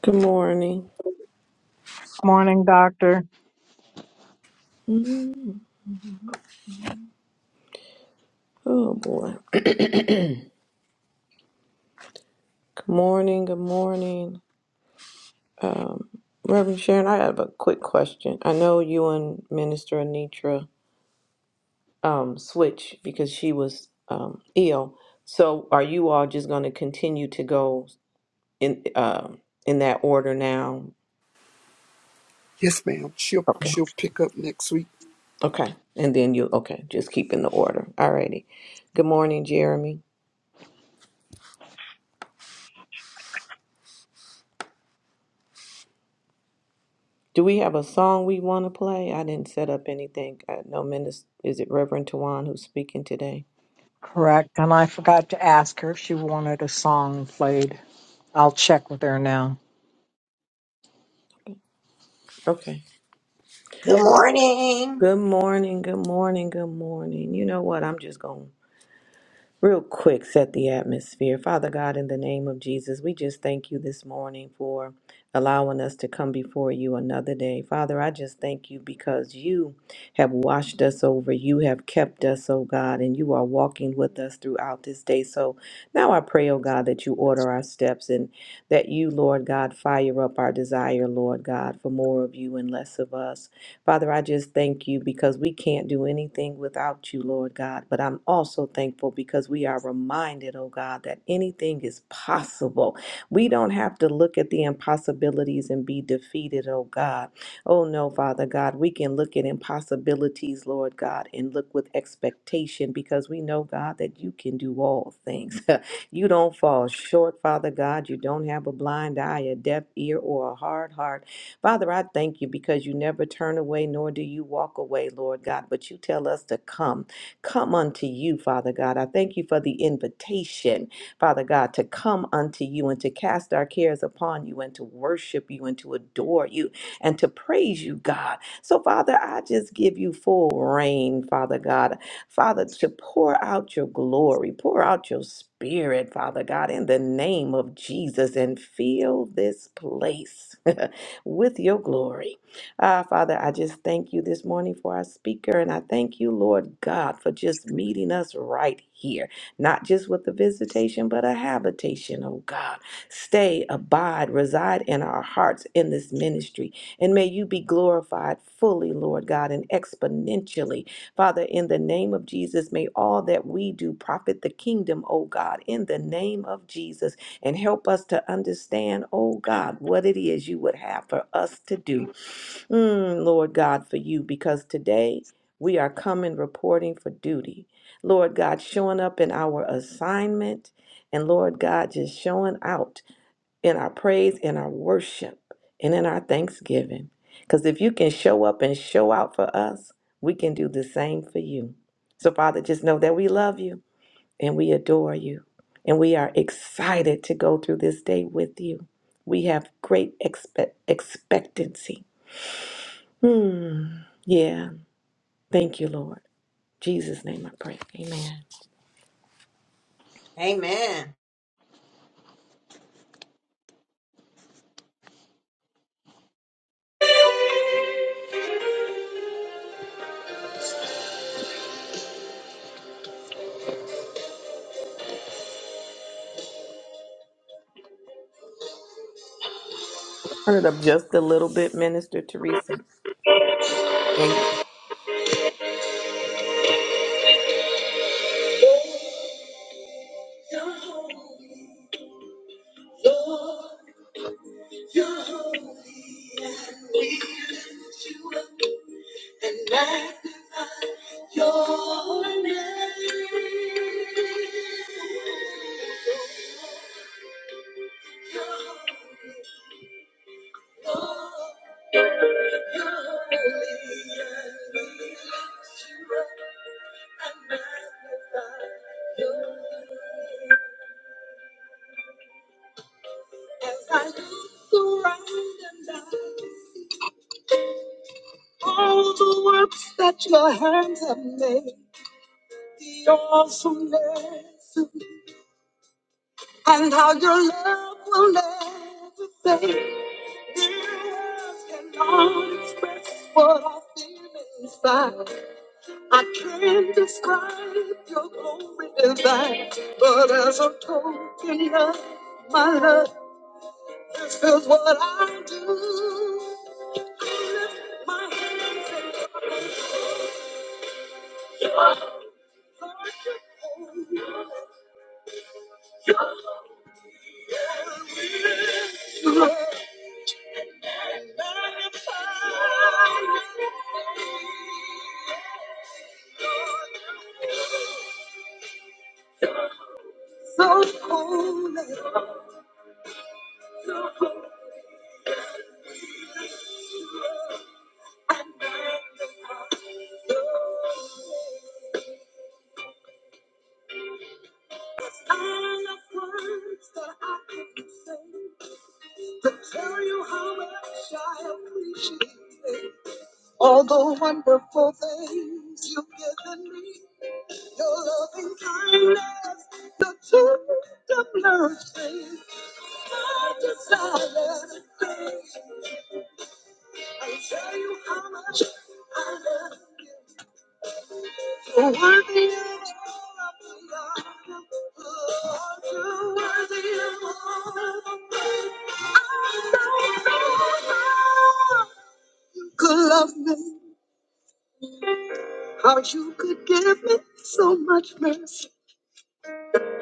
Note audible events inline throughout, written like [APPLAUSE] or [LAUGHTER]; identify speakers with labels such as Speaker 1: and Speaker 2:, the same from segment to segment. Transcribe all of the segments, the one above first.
Speaker 1: Good morning.
Speaker 2: Morning, Doctor.
Speaker 1: Mm, Oh boy. Good morning. Good morning. Um, Reverend Sharon, I have a quick question. I know you and Minister Anitra um, switch because she was um, ill. So are you all just going to continue to go in um in that order now?
Speaker 3: Yes, ma'am. She'll
Speaker 1: Okay.
Speaker 3: she'll pick up next week.
Speaker 1: Okay. And then you okay? Just keep in the order. Alrighty. Good morning, Jeremy. Do we have a song we want to play? I didn't set up anything. I know Minister, is it Reverend Tawan who's speaking today?
Speaker 2: Correct. And I forgot to ask her if she wanted a song played. I'll check with her now.
Speaker 1: Okay.
Speaker 4: Good morning.
Speaker 1: Good morning, good morning, good morning. You know what? I'm just going to Real quick, set the atmosphere. Father God, in the name of Jesus, we just thank you this morning for allowing us to come before you another day. Father, I just thank you because you have washed us over. You have kept us, oh God, and you are walking with us throughout this day. So now I pray, oh God, that you order our steps and that you, Lord God, fire up our desire, Lord God, for more of you and less of us. Father, I just thank you because we can't do anything without you, Lord God. But I'm also thankful because we are reminded, oh God, that anything is possible. We don't have to look at the impossibilities and be defeated, oh God. Oh no, Father God, we can look at impossibilities, Lord God, and look with expectation because we know, God, that you can do all things. [LAUGHS] you don't fall short, Father God. You don't have a blind eye, a deaf ear, or a hard heart. Father, I thank you because you never turn away, nor do you walk away, Lord God, but you tell us to come. Come unto you, Father God. I thank you for the invitation, Father God, to come unto you and to cast our cares upon you and to worship you and to adore you and to praise you, God. So, Father, I just give you full reign, Father God. Father, to pour out your glory, pour out your spirit, Father God, in the name of Jesus and fill this place. [LAUGHS] with your glory. Ah, Father, I just thank you this morning for our speaker, and I thank you, Lord God, for just meeting us right here, not just with the visitation, but a habitation, oh God. Stay, abide, reside in our hearts in this ministry, and may you be glorified fully, Lord God, and exponentially. Father, in the name of Jesus, may all that we do profit the kingdom, oh God, in the name of Jesus and help us to understand, oh God, what it is you would have for us to do. Mm, Lord God, for you, because today we are coming reporting for duty. Lord God, showing up in our assignment, and Lord God, just showing out in our praise, in our worship, and in our thanksgiving. Because if you can show up and show out for us, we can do the same for you. So, Father, just know that we love you and we adore you. And we are excited to go through this day with you. We have great expect- expectancy. Hmm. Yeah. Thank you, Lord. Jesus' name I pray. Amen.
Speaker 4: Amen.
Speaker 1: Turn it up just a little bit, Minister Teresa. Thank
Speaker 2: As I look around and I all the works that your hands have made, the awesomeness, and how your love will never fade. Words cannot express what I feel inside. I can't describe your glory divine, but as a token of my love, this is what I do. So holy, I love words that I can say to tell you how much I appreciate it. all the wonderful things you've given me. Your loving kindness, the tender mercy, my desire. I tell you how much I love. You're worthy of all of the honor. You're worthy of all of the praise. Could love me, how you could give me so much mercy.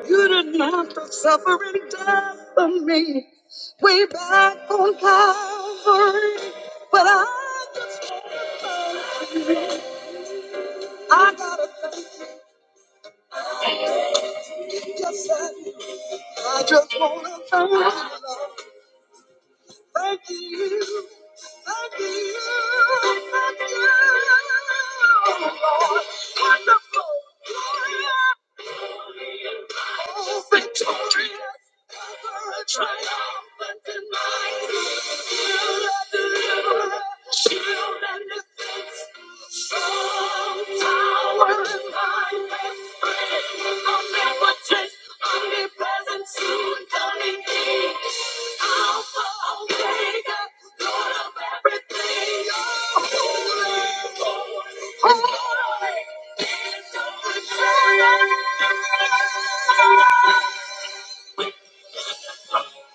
Speaker 2: You didn't have to suffer and die for me. Way back on Calvary, but I just, I gotta thank you. Just that I just wanna thank you. Thank you. Thank you. Thank you. Lord. You and the fence, strong tower in my best friend. I'll never change, omnipresent, soon coming King. Alpha, Omega, Lord of everything. Holy, holy, holy, is your name.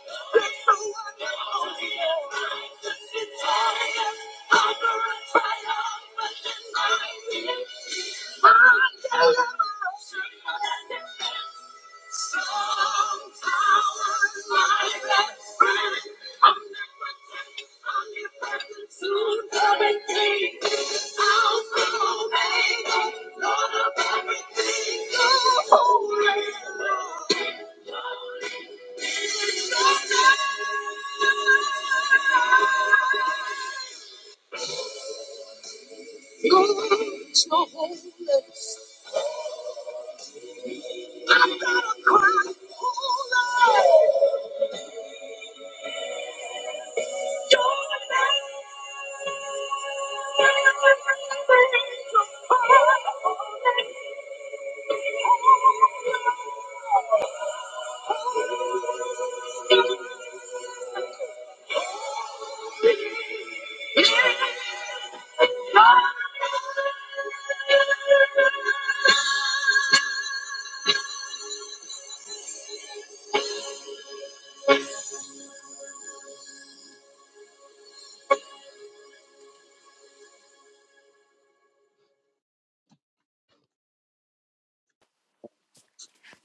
Speaker 2: Lord of everything, you're holy. Hey,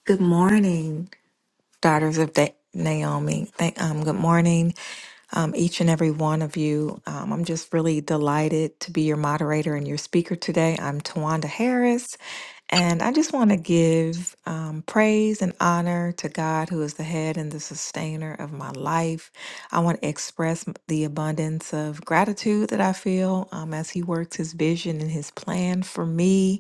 Speaker 5: Good morning daughters of da- Naomi. Thank, um, good morning, um, each and every one of you. Um, I'm just really delighted to be your moderator and your speaker today. I'm Tawanda Harris, and I just want to give um, praise and honor to God, who is the head and the sustainer of my life. I want to express m- the abundance of gratitude that I feel um, as He works His vision and His plan for me.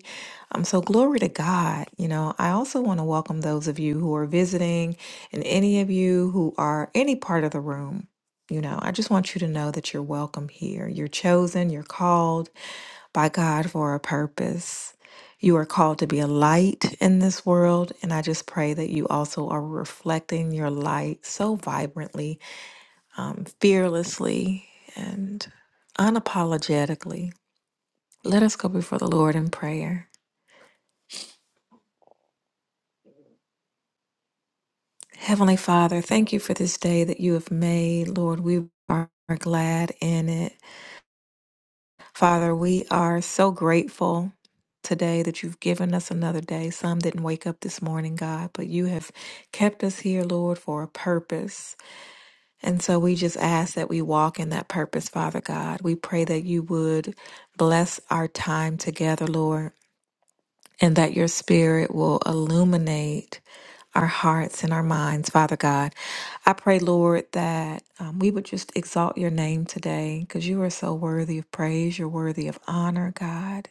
Speaker 5: Um, so, glory to God. You know, I also want to welcome those of you who are visiting and any of you who are any part of the room, you know, I just want you to know that you're welcome here. You're chosen, you're called by God for a purpose. You are called to be a light in this world. And I just pray that you also are reflecting your light so vibrantly, um, fearlessly, and unapologetically. Let us go before the Lord in prayer. Heavenly Father, thank you for this day that you have made. Lord, we are glad in it. Father, we are so grateful today that you've given us another day. Some didn't wake up this morning, God, but you have kept us here, Lord, for a purpose. And so we just ask that we walk in that purpose, Father God. We pray that you would bless our time together, Lord, and that your spirit will illuminate our hearts and our minds, Father God. I pray, Lord, that um, we would just exalt your name today because you are so worthy of praise. You're worthy of honor, God.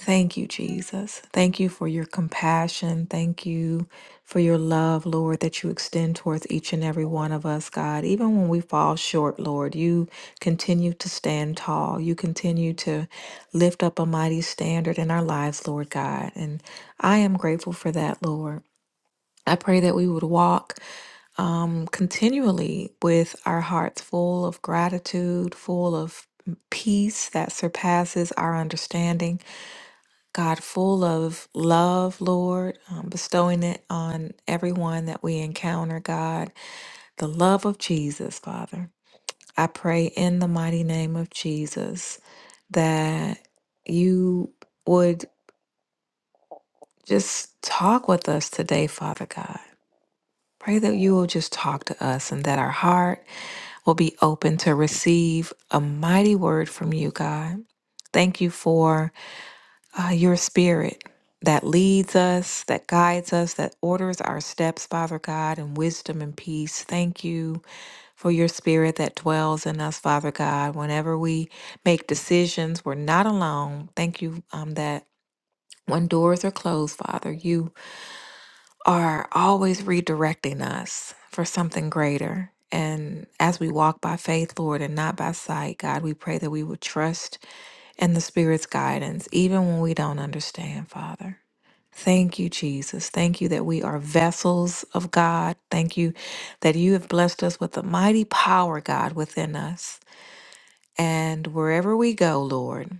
Speaker 5: Thank you, Jesus. Thank you for your compassion. Thank you for your love, Lord, that you extend towards each and every one of us, God. Even when we fall short, Lord, you continue to stand tall. You continue to lift up a mighty standard in our lives, Lord God. And I am grateful for that, Lord. I pray that we would walk um, continually with our hearts full of gratitude, full of peace that surpasses our understanding. God, full of love, Lord, um, bestowing it on everyone that we encounter, God, the love of Jesus, Father. I pray in the mighty name of Jesus that you would just talk with us today, Father God. Pray that you will just talk to us and that our heart will be open to receive a mighty word from you, God. Thank you for uh, your spirit that leads us, that guides us, that orders our steps, Father God, in wisdom and peace. Thank you for your spirit that dwells in us, Father God. Whenever we make decisions, we're not alone. Thank you um, that when doors are closed, Father, you are always redirecting us for something greater. And as we walk by faith, Lord, and not by sight, God, we pray that we would trust in the Spirit's guidance, even when we don't understand, Father. Thank you, Jesus. Thank you that we are vessels of God. Thank you that you have blessed us with the mighty power, God, within us. And wherever we go, Lord,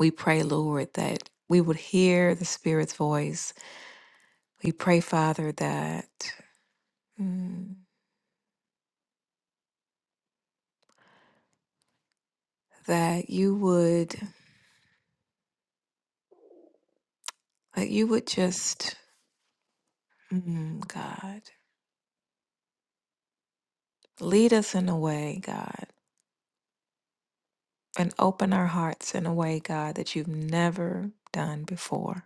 Speaker 5: we pray, Lord, that we would hear the Spirit's voice. We pray, Father, that. mm, that you would that you would just mm, God lead us in a way, God, and open our hearts in a way, God, that you've never done before.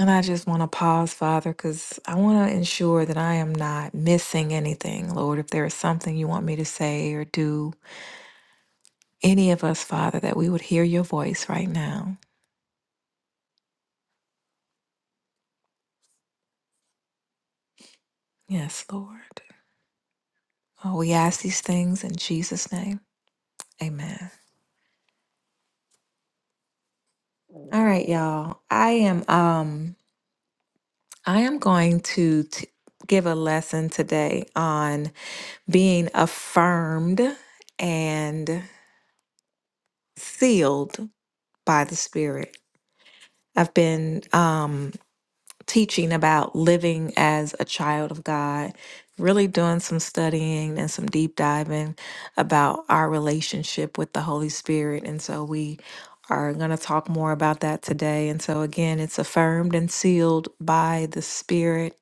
Speaker 5: And I just want to pause, Father, because I want to ensure that I am not missing anything, Lord. If there is something you want me to say or do, any of us, Father, that we would hear your voice right now. Yes, Lord. Oh, we ask these things in Jesus' name. Amen. All right, y'all. I am um I am going to t- give a lesson today on being affirmed and sealed by the Spirit. I've been um, teaching about living as a child of God, really doing some studying and some deep diving about our relationship with the Holy Spirit. And so we are going to talk more about that today. And so, again, it's affirmed and sealed by the Spirit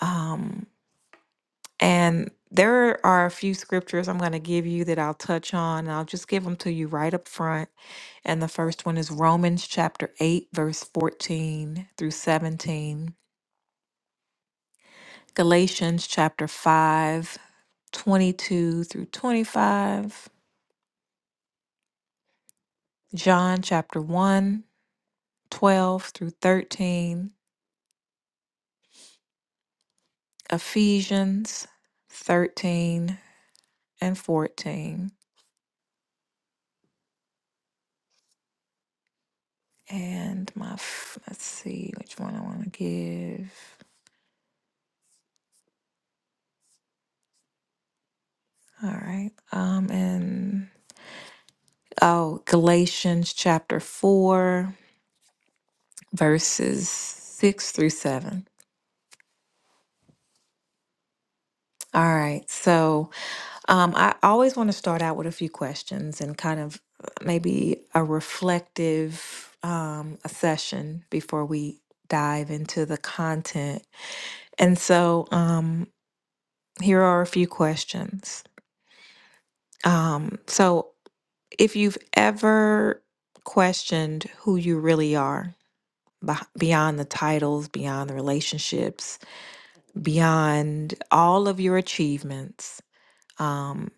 Speaker 5: Um, And there are a few scriptures I'm going to give you that I'll touch on. and I'll just give them to you right up front. And the first one is Romans chapter 8, verse 14 through 17, Galatians chapter five, twenty-two through 25, John chapter one, twelve through 13, Ephesians 13 and 14. And my, f- let's see which one I want to give. All right. Um, and oh, Galatians chapter 4, verses 6 through 7. All right. So um, I always want to start out with a few questions and kind of uh, maybe a reflective um, a session before we dive into the content. And so um, here are a few questions. Um, so if you've ever questioned who you really are, beh- beyond the titles, beyond the relationships, beyond all of your achievements. Um,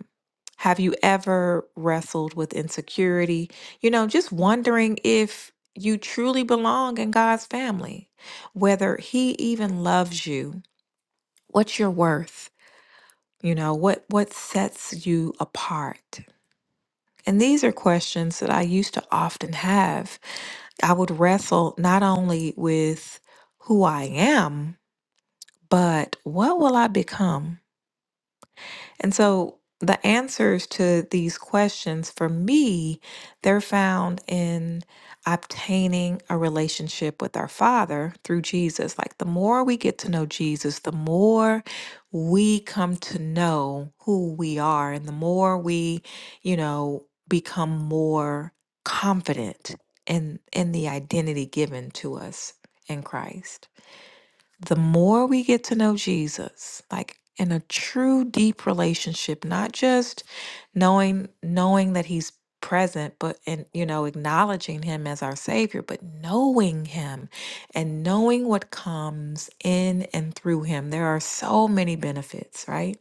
Speaker 5: have you ever wrestled with insecurity? You know, just wondering if you truly belong in God's family, whether He even loves you, what's your worth? You know, what what sets you apart? And these are questions that I used to often have. I would wrestle not only with who I am, but what will I become? And so the answers to these questions for me, they're found in obtaining a relationship with our Father through Jesus. Like the more we get to know Jesus, the more we come to know who we are, and the more we, you know, become more confident in in the identity given to us in Christ the more we get to know Jesus, like in a true deep relationship, not just knowing knowing that he's present, but and you know, acknowledging him as our savior, but knowing him and knowing what comes in and through him. There are so many benefits, right?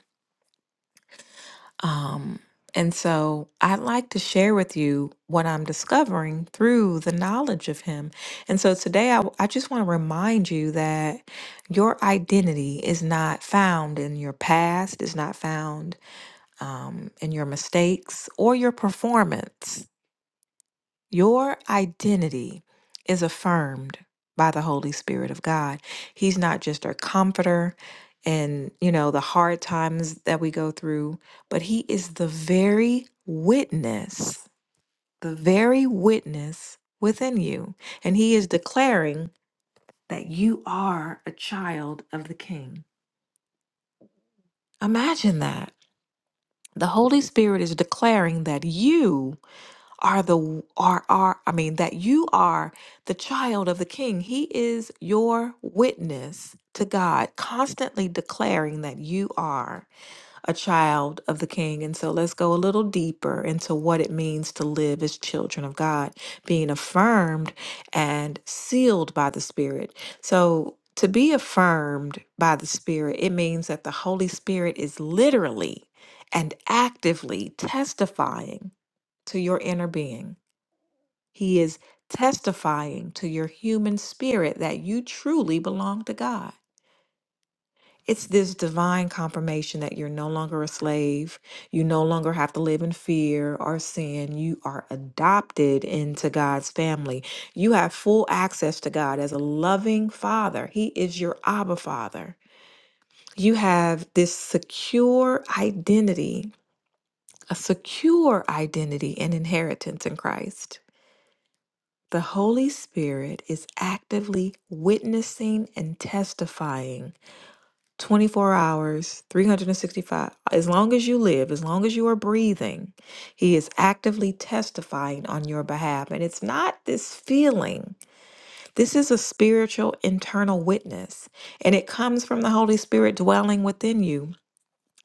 Speaker 5: Um, and so I'd like to share with you what I'm discovering through the knowledge of him. And so today I, I just want to remind you that your identity is not found in your past, is not found um, in your mistakes or your performance. Your identity is affirmed by the Holy Spirit of God. He's not just our comforter and, you know, the hard times that we go through, but He is the very witness, the very witness within you. And He is declaring that you are a child of the King. Imagine that. The Holy Spirit is declaring that you are the are are I mean that you are the child of the king. He is your witness to God, constantly declaring that you are a child of the king. And so let's go a little deeper into what it means to live as children of God, being affirmed and sealed by the Spirit. So to be affirmed by the Spirit, it means that the Holy Spirit is literally and actively testifying to your inner being he is testifying to your human spirit that you truly belong to God. It's this divine confirmation that you're no longer a slave. You no longer have to live in fear or sin. You are adopted into God's family. You have full access to God as a loving father. He is your Abba Father. You have this secure identity, a secure identity and inheritance in Christ. The Holy Spirit is actively witnessing and testifying 24 hours, 365. As long as you live, as long as you are breathing, He is actively testifying on your behalf. And it's not this feeling, this is a spiritual internal witness, and it comes from the Holy Spirit dwelling within you.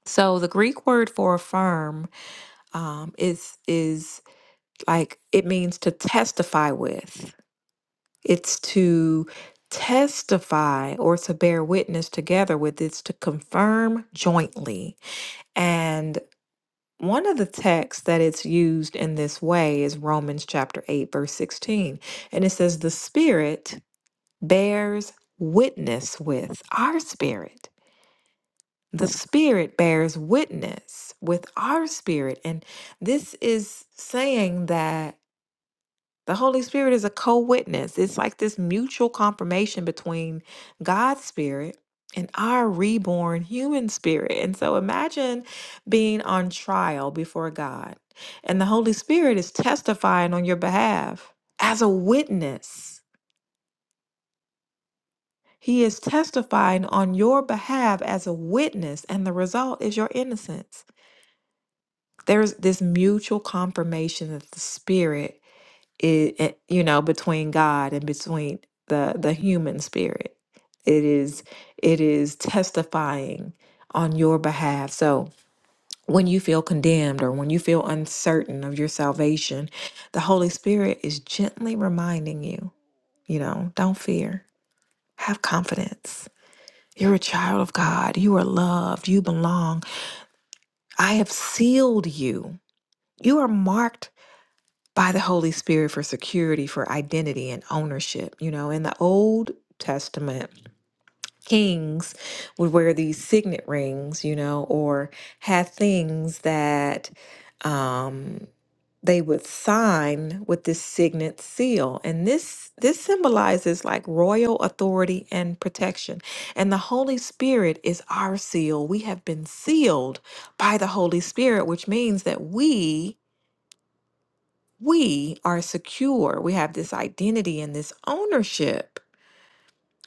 Speaker 5: So the Greek word for affirm um, is is like it means to testify with. It's to testify or to bear witness together with, it's to confirm jointly. And one of the texts that it's used in this way is Romans chapter 8, verse 16. And it says, The Spirit bears witness with our spirit. The Spirit bears witness with our spirit. And this is saying that The Holy Spirit is a co witness. It's like this mutual confirmation between God's spirit and our reborn human spirit. And so imagine being on trial before God, and the Holy Spirit is testifying on your behalf as a witness. He is testifying on your behalf as a witness, and the result is your innocence. There's this mutual confirmation that the Spirit it, it- you know between god and between the the human spirit it is it is testifying on your behalf so when you feel condemned or when you feel uncertain of your salvation the holy spirit is gently reminding you you know don't fear have confidence you're a child of god you are loved you belong i have sealed you you are marked by the Holy Spirit for security, for identity and ownership. You know, in the Old Testament, kings would wear these signet rings, you know, or had things that um they would sign with this signet seal and this this symbolizes like royal authority and protection and the holy spirit is our seal we have been sealed by the holy spirit which means that we we are secure we have this identity and this ownership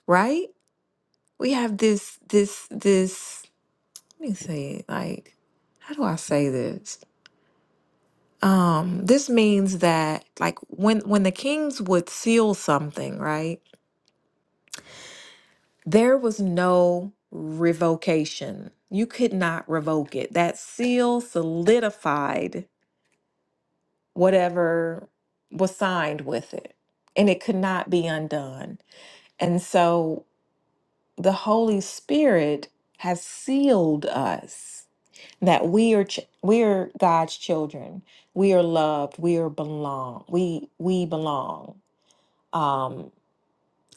Speaker 5: right we have this this this let me say it like how do i say this um this means that like when when the kings would seal something right there was no revocation you could not revoke it that seal solidified whatever was signed with it and it could not be undone and so the Holy Spirit has sealed us that we are ch- we are God's children. We are loved. We are belong. We we belong. Um,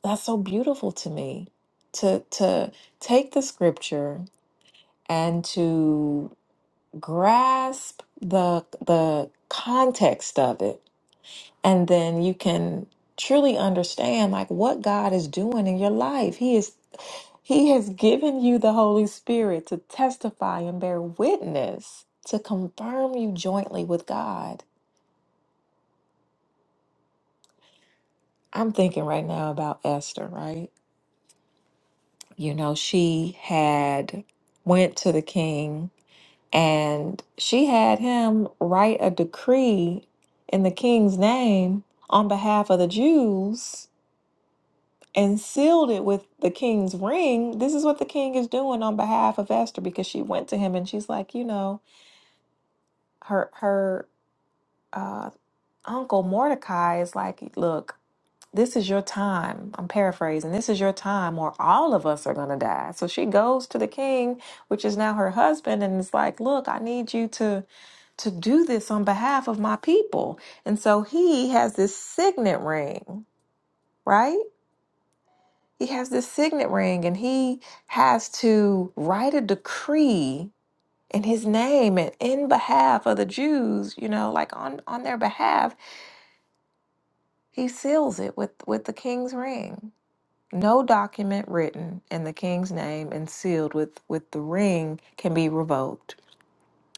Speaker 5: that's so beautiful to me. To to take the scripture and to grasp the the context of it, and then you can truly understand like what God is doing in your life. He is. He has given you the Holy Spirit to testify and bear witness to confirm you jointly with God. I'm thinking right now about Esther, right? You know, she had went to the king and she had him write a decree in the king's name on behalf of the Jews and sealed it with the king's ring. This is what the king is doing on behalf of Esther because she went to him and she's like, you know, her her uh, Uncle Mordecai is like, look, this is your time. I'm paraphrasing. This is your time, or all of us are going to die. So she goes to the king, which is now her husband, and is like, look, I need you to to do this on behalf of my people. And so he has this signet ring, right? He has this signet ring, and he has to write a decree in his name and in behalf of the Jews, you know, like on on their behalf He seals it with, with the king's ring. No document written in the king's name and sealed with, with the ring can be revoked.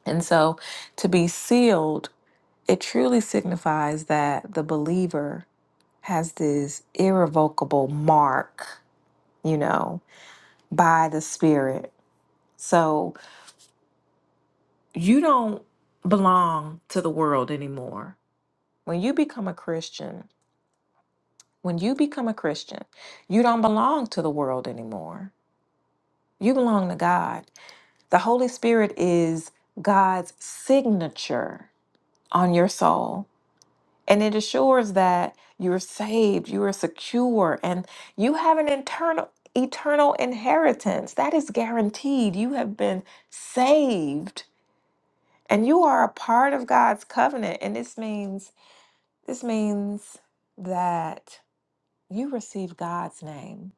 Speaker 5: And so to be sealed, it truly signifies that the believer has this irrevocable mark, you know, by the Spirit. So you don't belong to the world anymore. When you become a Christian, when you become a Christian, you don't belong to the world anymore You belong to God. The Holy Spirit is God's signature on your soul, and it assures that you're saved, you are secure, and you have an internal eternal inheritance that is guaranteed. You have been saved, and you are a part of God's covenant, and this means this means that you receive God's name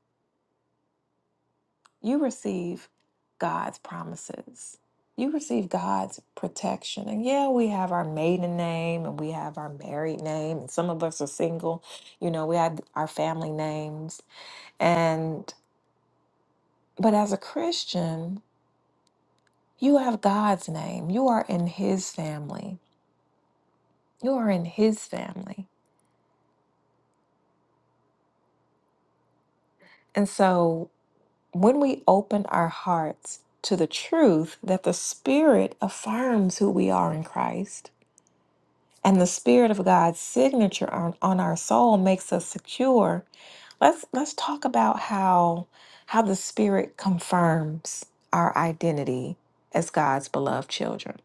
Speaker 5: You receive God's promises. You receive God's protection. And yeah, we have our maiden name and we have our married name. And some of us are single. You know, we have our family names. And, but as a Christian, you have God's name. You are in His family. You are in His family. And so when we open our hearts to the truth that the Spirit affirms who we are in Christ, And the Spirit of God's signature on, on our soul makes us secure. Let's let's talk about how how the Spirit confirms our identity as God's beloved children.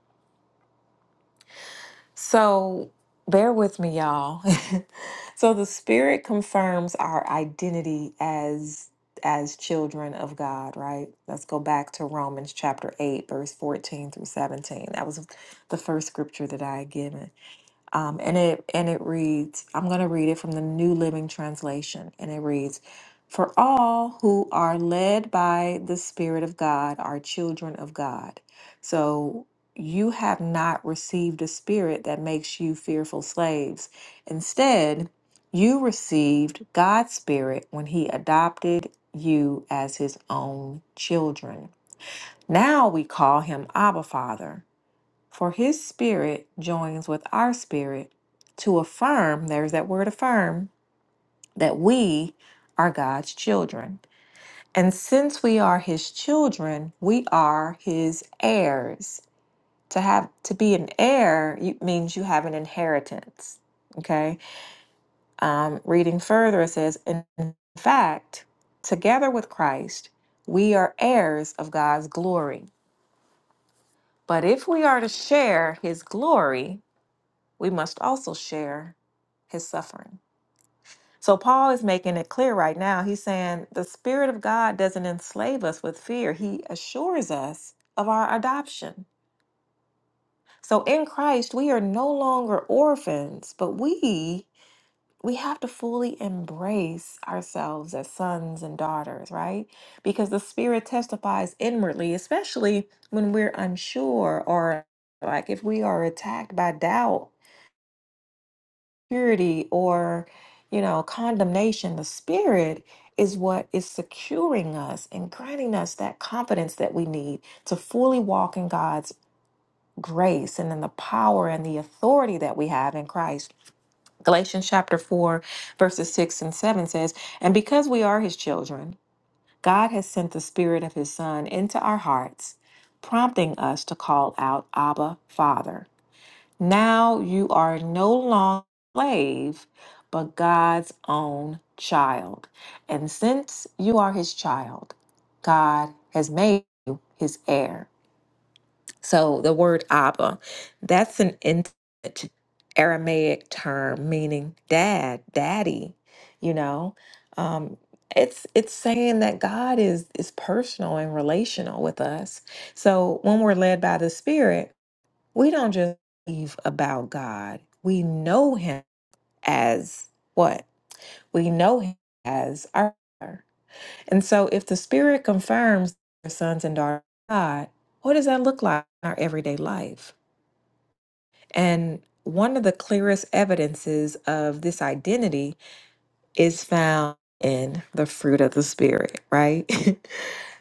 Speaker 5: So bear with me, y'all. [LAUGHS] so the Spirit confirms our identity as as children of God, right? Let's go back to Romans chapter 8, verse 14 through 17. That was the first scripture that I had given. Um, and it and it reads, I'm going to read it from the New Living Translation, and it reads, "For all who are led by the Spirit of God are children of God." So you have not received a spirit that makes you fearful slaves. Instead, you received God's Spirit when He adopted you as His own children. Now we call Him Abba Father. For his spirit joins with our spirit to affirm, there's that word affirm, that we are God's children. And since we are his children, we are his heirs. To have to be an heir you- means you have an inheritance. Okay. Um, reading further, it says, in fact, together with Christ, we are heirs of God's glory. But if we are to share his glory, we must also share his suffering. So Paul is making it clear right now. He's saying the Spirit of God doesn't enslave us with fear, he assures us of our adoption. So in Christ, we are no longer orphans, but we we have to fully embrace ourselves as sons and daughters, right? Because the spirit testifies inwardly, especially when we're unsure or like if we are attacked by doubt security or, you know, condemnation. The Spirit is what is securing us and granting us that confidence that we need to fully walk in God's grace and in the power and the authority that we have in Christ. Galatians chapter 4, verses 6 and 7 says, And because we are his children, God has sent the Spirit of his Son into our hearts, prompting us to call out, Abba, Father. Now you are no longer a slave, but God's own child. And since you are his child, God has made you his heir. So the word Abba, that's an intimate Aramaic term meaning dad, daddy, you know. Um, it's it's saying that God is is personal and relational with us. So when we're led by the Spirit, we don't just believe about God. We know him as what? We know him as our Father. And so if the Spirit confirms our sons and daughters of God, what does that look like in our everyday life? And one of the clearest evidences of this identity is found in the fruit of the Spirit, right? [LAUGHS]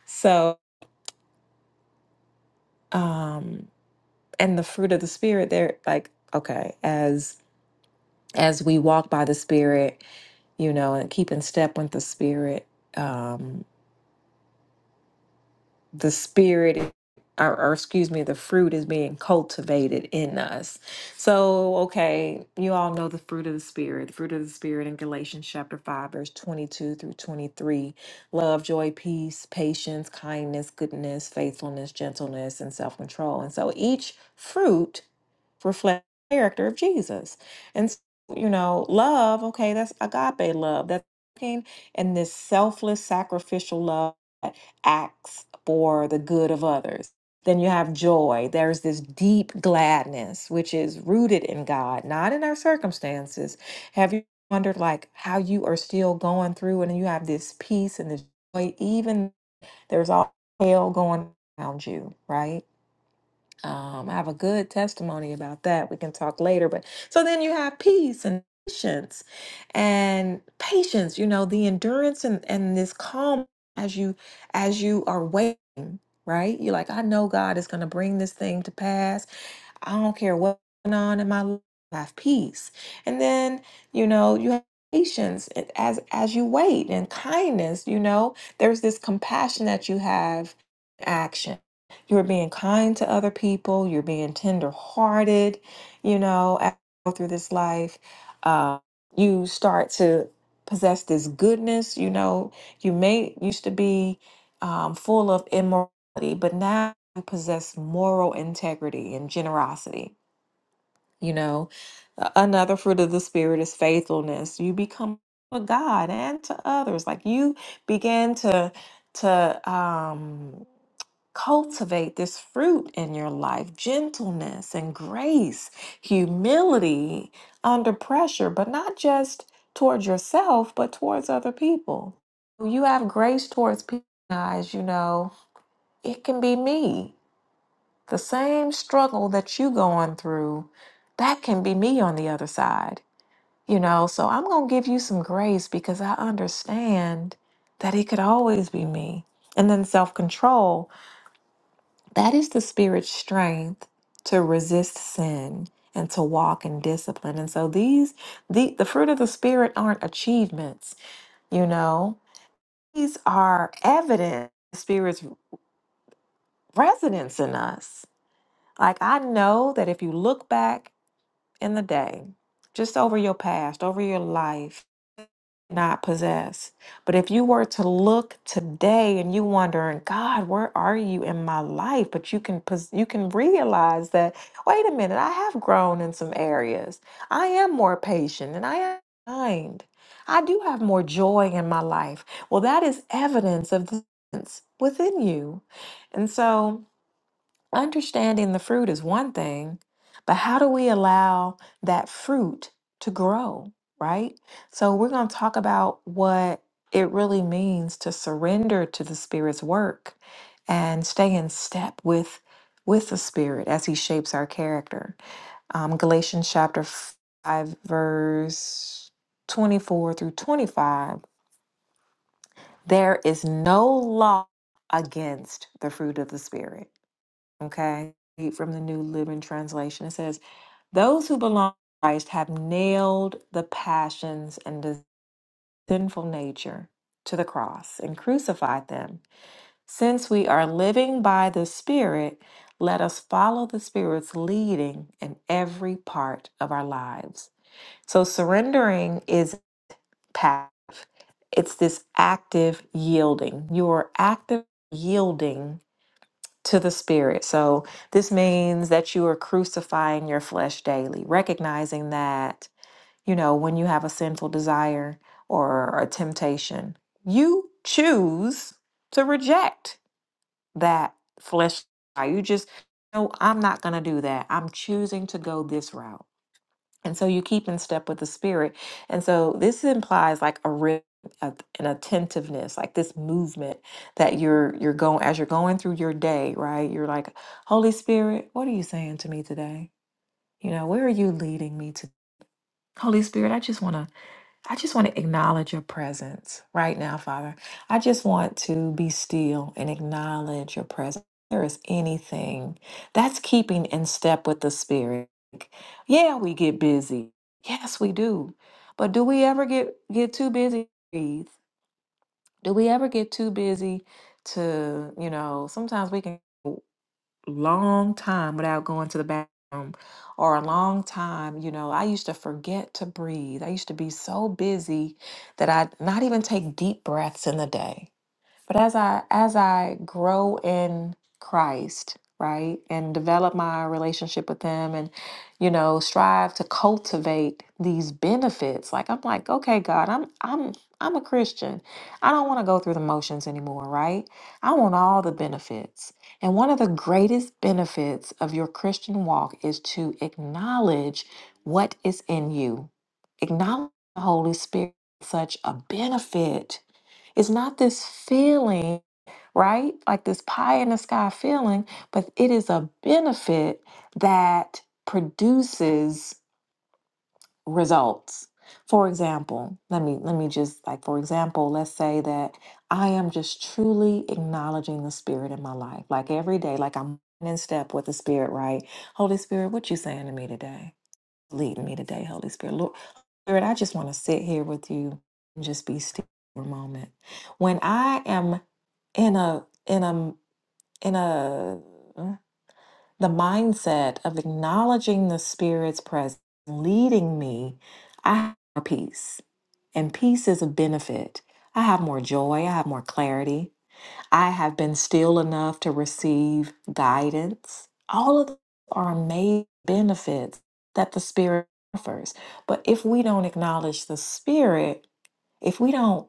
Speaker 5: so, um, and the fruit of the Spirit, they're like, okay, as as we walk by the Spirit, you know, and keep in step with the spirit. Um, the spirit or, or excuse me the fruit is being cultivated in us so okay you all know the fruit of the spirit the fruit of the spirit in galatians chapter 5 verse 22 through 23 love joy peace patience kindness goodness faithfulness gentleness and self-control and so each fruit reflects the character of jesus and so, you know love okay that's agape love that's looking and this selfless sacrificial love acts for the good of others. Then you have joy. There's this deep gladness, which is rooted in God, not in our circumstances. Have you wondered, like, how you are still going through and you have this peace and this joy, even there's all hell going around you, right? Um, I have a good testimony about that. We can talk later. But so then you have peace and patience and patience, you know, the endurance and, and this calm as you as you are waiting, right? You're like, I know God is gonna bring this thing to pass. I don't care what's going on in my life, I have peace. And then, you know, you have patience and as as you wait and kindness, you know, there's this compassion that you have in action. You're being kind to other people, you're being tenderhearted, you know, as you go through this life. Uh, you start to possess this goodness, you know, you may used to be um, full of immorality but now you possess moral integrity and generosity. You know, A- another fruit of the Spirit is faithfulness. You become a God and to others. Like you begin to to um, cultivate this fruit in your life: gentleness and grace, humility under pressure, but not just towards yourself, but towards other people. You have grace towards people. Guys, you know, it can be me. The same struggle that you going through, that can be me on the other side. You know, so I'm going to give you some grace because I understand that it could always be me. And then self-control, that is the spirit's strength to resist sin and to walk in discipline. And so these the the fruit of the spirit aren't achievements, you know. These are evidence of the spirit's residence in us. Like I know that if you look back in the day, just over your past, over your life, not possess. But if you were to look today and you wondering, God, where are you in my life? But you can pos- you can realize that, wait a minute, I have grown in some areas. I am more patient and I am kind. I do have more joy in my life. Well, that is evidence of the within you. And so Understanding the fruit is one thing, but how do we allow that fruit to grow, right? So we're going to talk about what it really means to surrender to the spirit's work and stay in step with with the spirit as he shapes our character. Um, Galatians chapter 5 verse 24 through 25, there is no law against the fruit of the spirit. Okay. Read From the New Living Translation, it says, Those who belong to Christ have nailed the passions and the sinful nature to the cross and crucified them. Since we are living by the Spirit, let us follow the Spirit's leading in every part of our lives. So surrendering is passive. It's this active yielding. You are active yielding to the spirit. So this means that you are crucifying your flesh daily, recognizing that, you know, when you have a sinful desire or a temptation, you choose to reject that flesh. desire. You just, no, I'm not going to do that. I'm choosing to go this route and so you keep in step with the spirit and so this implies like a rhythm a- an attentiveness like this movement that you're you're going as you're going through your day right you're like holy spirit what are you saying to me today you know where are you leading me to holy spirit i just want to I just want to acknowledge your presence right now, Father. I just want to be still and acknowledge your presence. If There is anything that's keeping in step with the Spirit. Yeah, we get busy. Yes, we do. But do we ever get get too busy? to breathe? Do we ever get too busy to, you know, sometimes we can long time without going to the bathroom or a long time you know i used to forget to breathe i used to be so busy that i'd not even take deep breaths in the day but as I as I grow in Christ, right, and develop my relationship with him and you know, strive to cultivate these benefits. Like I'm like, okay, God, I'm I'm I'm a Christian. I don't want to go through the motions anymore, right? I want all the benefits. And one of the greatest benefits of your Christian walk is to acknowledge what is in you. Acknowledge the Holy Spirit such a benefit it's not this feeling right? Like this pie in the sky feeling, but it is a benefit that produces results. For example, let me let me just like for example, let's say that I am just truly acknowledging the spirit in my life. Like every day, like I'm in step with the spirit, right? Holy Spirit, what you saying to me today? Lead me today, Holy Spirit. Lord, Spirit, I just want to sit here with you and just be still for a moment. When I am in a in a in a the mindset of acknowledging the Spirit's presence leading me, I have more peace, and peace is a benefit. I have more joy. I have more clarity. I have been still enough to receive guidance. All of those are amazing benefits that the Spirit offers. But if we don't acknowledge the Spirit, if we don't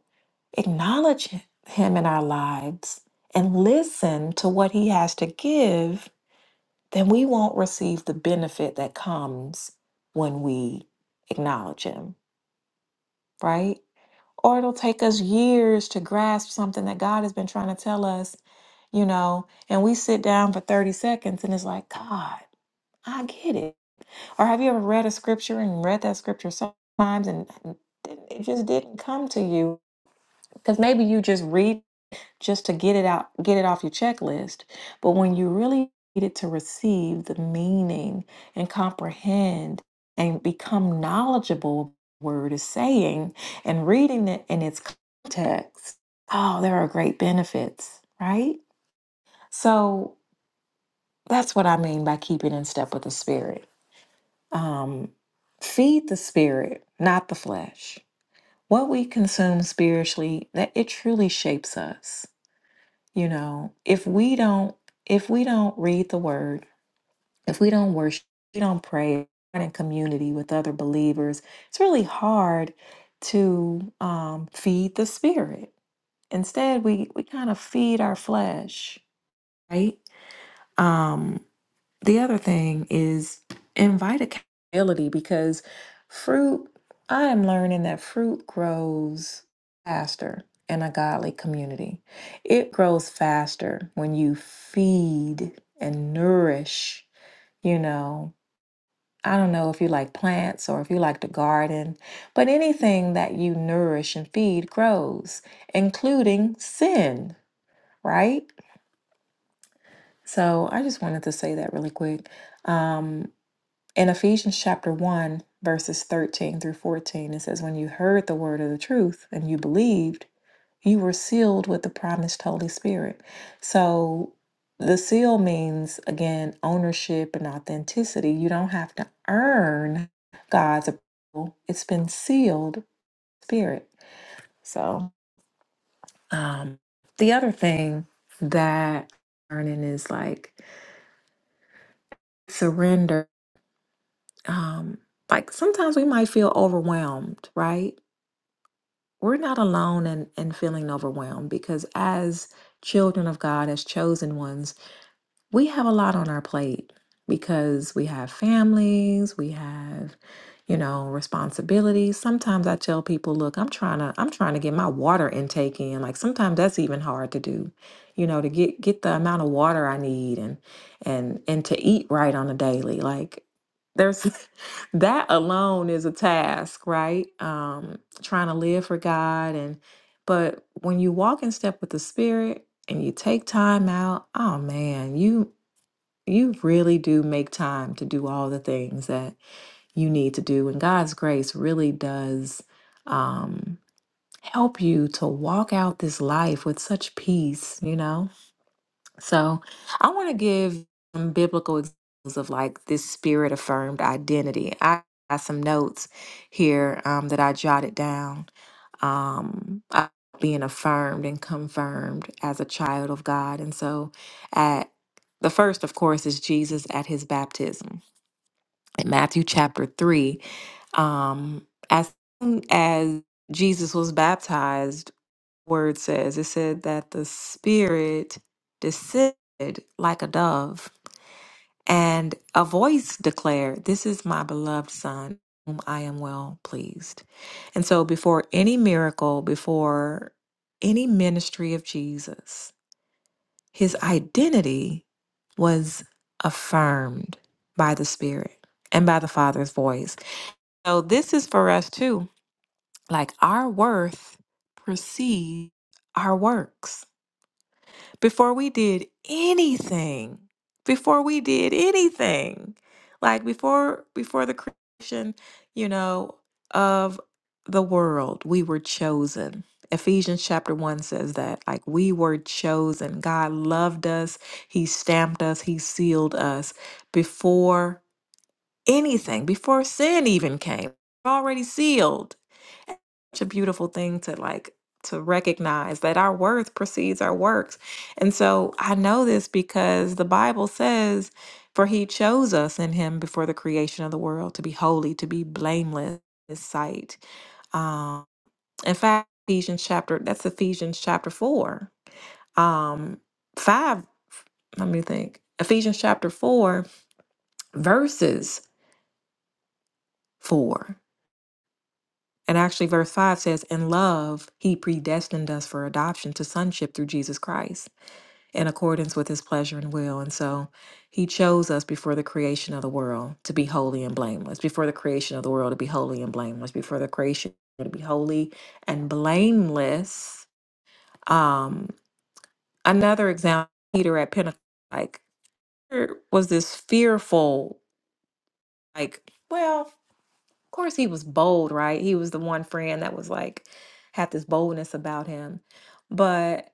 Speaker 5: acknowledge Him Him in our lives and listen to what He has to give, then we won't receive the benefit that comes when we acknowledge Him, right? Or it'll take us years to grasp something that God has been trying to tell us, you know, and we sit down for 30 seconds and it's like, God, I get it. Or have you ever read a scripture and read that scripture so many times and it didn't- it just didn't come to you? Because maybe you just read just to get it out, get it off your checklist. But when you really needed to receive the meaning and comprehend and become knowledgeable of what the word is saying and reading it in its context, oh, there are great benefits, right? So that's what I mean by keeping in step with the spirit. Um, feed the spirit, not the flesh. What we consume spiritually, that it truly shapes us. You know, if we don't if we don't read the word, if we don't worship, if we don't pray not in community with other believers, it's really hard to um, feed the spirit. Instead, we we kind of feed our flesh, right? Um, the other thing is invite accountability because fruit, I am learning that fruit grows faster in a godly community. It grows faster when you feed and nourish, you know. I don't know if you like plants or if you like to garden, but anything that you nourish and feed grows, including sin, right? So I just wanted to say that really quick. Um, In Ephesians chapter 1, verses 13 through 14, it says, When you heard the word of the truth and you believed, you were sealed with the promised Holy Spirit. So the seal means, again, ownership and authenticity. You don't have to earn God's approval, it's been sealed spirit. So um, the other thing that learning is like surrender. Um, like sometimes we might feel overwhelmed, right? we're not alone in, in feeling overwhelmed because as children of God, as chosen ones, we have a lot on our plate because we have families, we have, you know, responsibilities. Sometimes I tell people, look, I'm trying to I'm trying to get my water intake in. Like sometimes that's even hard to do, you know, to get get the amount of water I need and and and to eat right on a daily. Like there's [LAUGHS] that alone is a task, right? Um trying to live for God and but when you walk in step with the spirit, and you take time out, oh man, you you really do make time to do all the things that you need to do. And God's grace really does um help you to walk out this life with such peace, you know? So I want to give some biblical examples of like this spirit affirmed identity. I got some notes here um, that I jotted down um, of being affirmed and confirmed as a child of God. And so, at the first, of course, is Jesus at his baptism in Matthew chapter 3. Um, as soon as Jesus was baptized, word says it said that the Spirit descended like a dove and a voice declared, This is my beloved son, whom I am well pleased. And so, before any miracle, before any ministry of Jesus, his identity was affirmed by the Spirit and by the Father's voice. So, this is for us too. Like our worth precedes our works before we did anything before we did anything like before before the creation you know of the world we were chosen Ephesians chapter 1 says that like we were chosen God loved us he stamped us he sealed us before anything before sin even came already sealed such a beautiful thing to like to recognize that our worth precedes our works. And so I know this because the Bible says, For he chose us in him before the creation of the world to be holy, to be blameless in his sight. Um, in fact, Ephesians chapter, that's Ephesians chapter four. Um, five, let me think. Ephesians chapter four, verses four. And actually, verse 5 says, In love, he predestined us for adoption to sonship through Jesus Christ in accordance with his pleasure and will. And so he chose us before the creation of the world to be holy and blameless, before the creation of the world to be holy and blameless, before the creation to be holy and blameless. Um, another example, Peter at Pentecost, like, there was this fearful, like, well, course he was bold, right? He was the one friend that was like had this boldness about him. But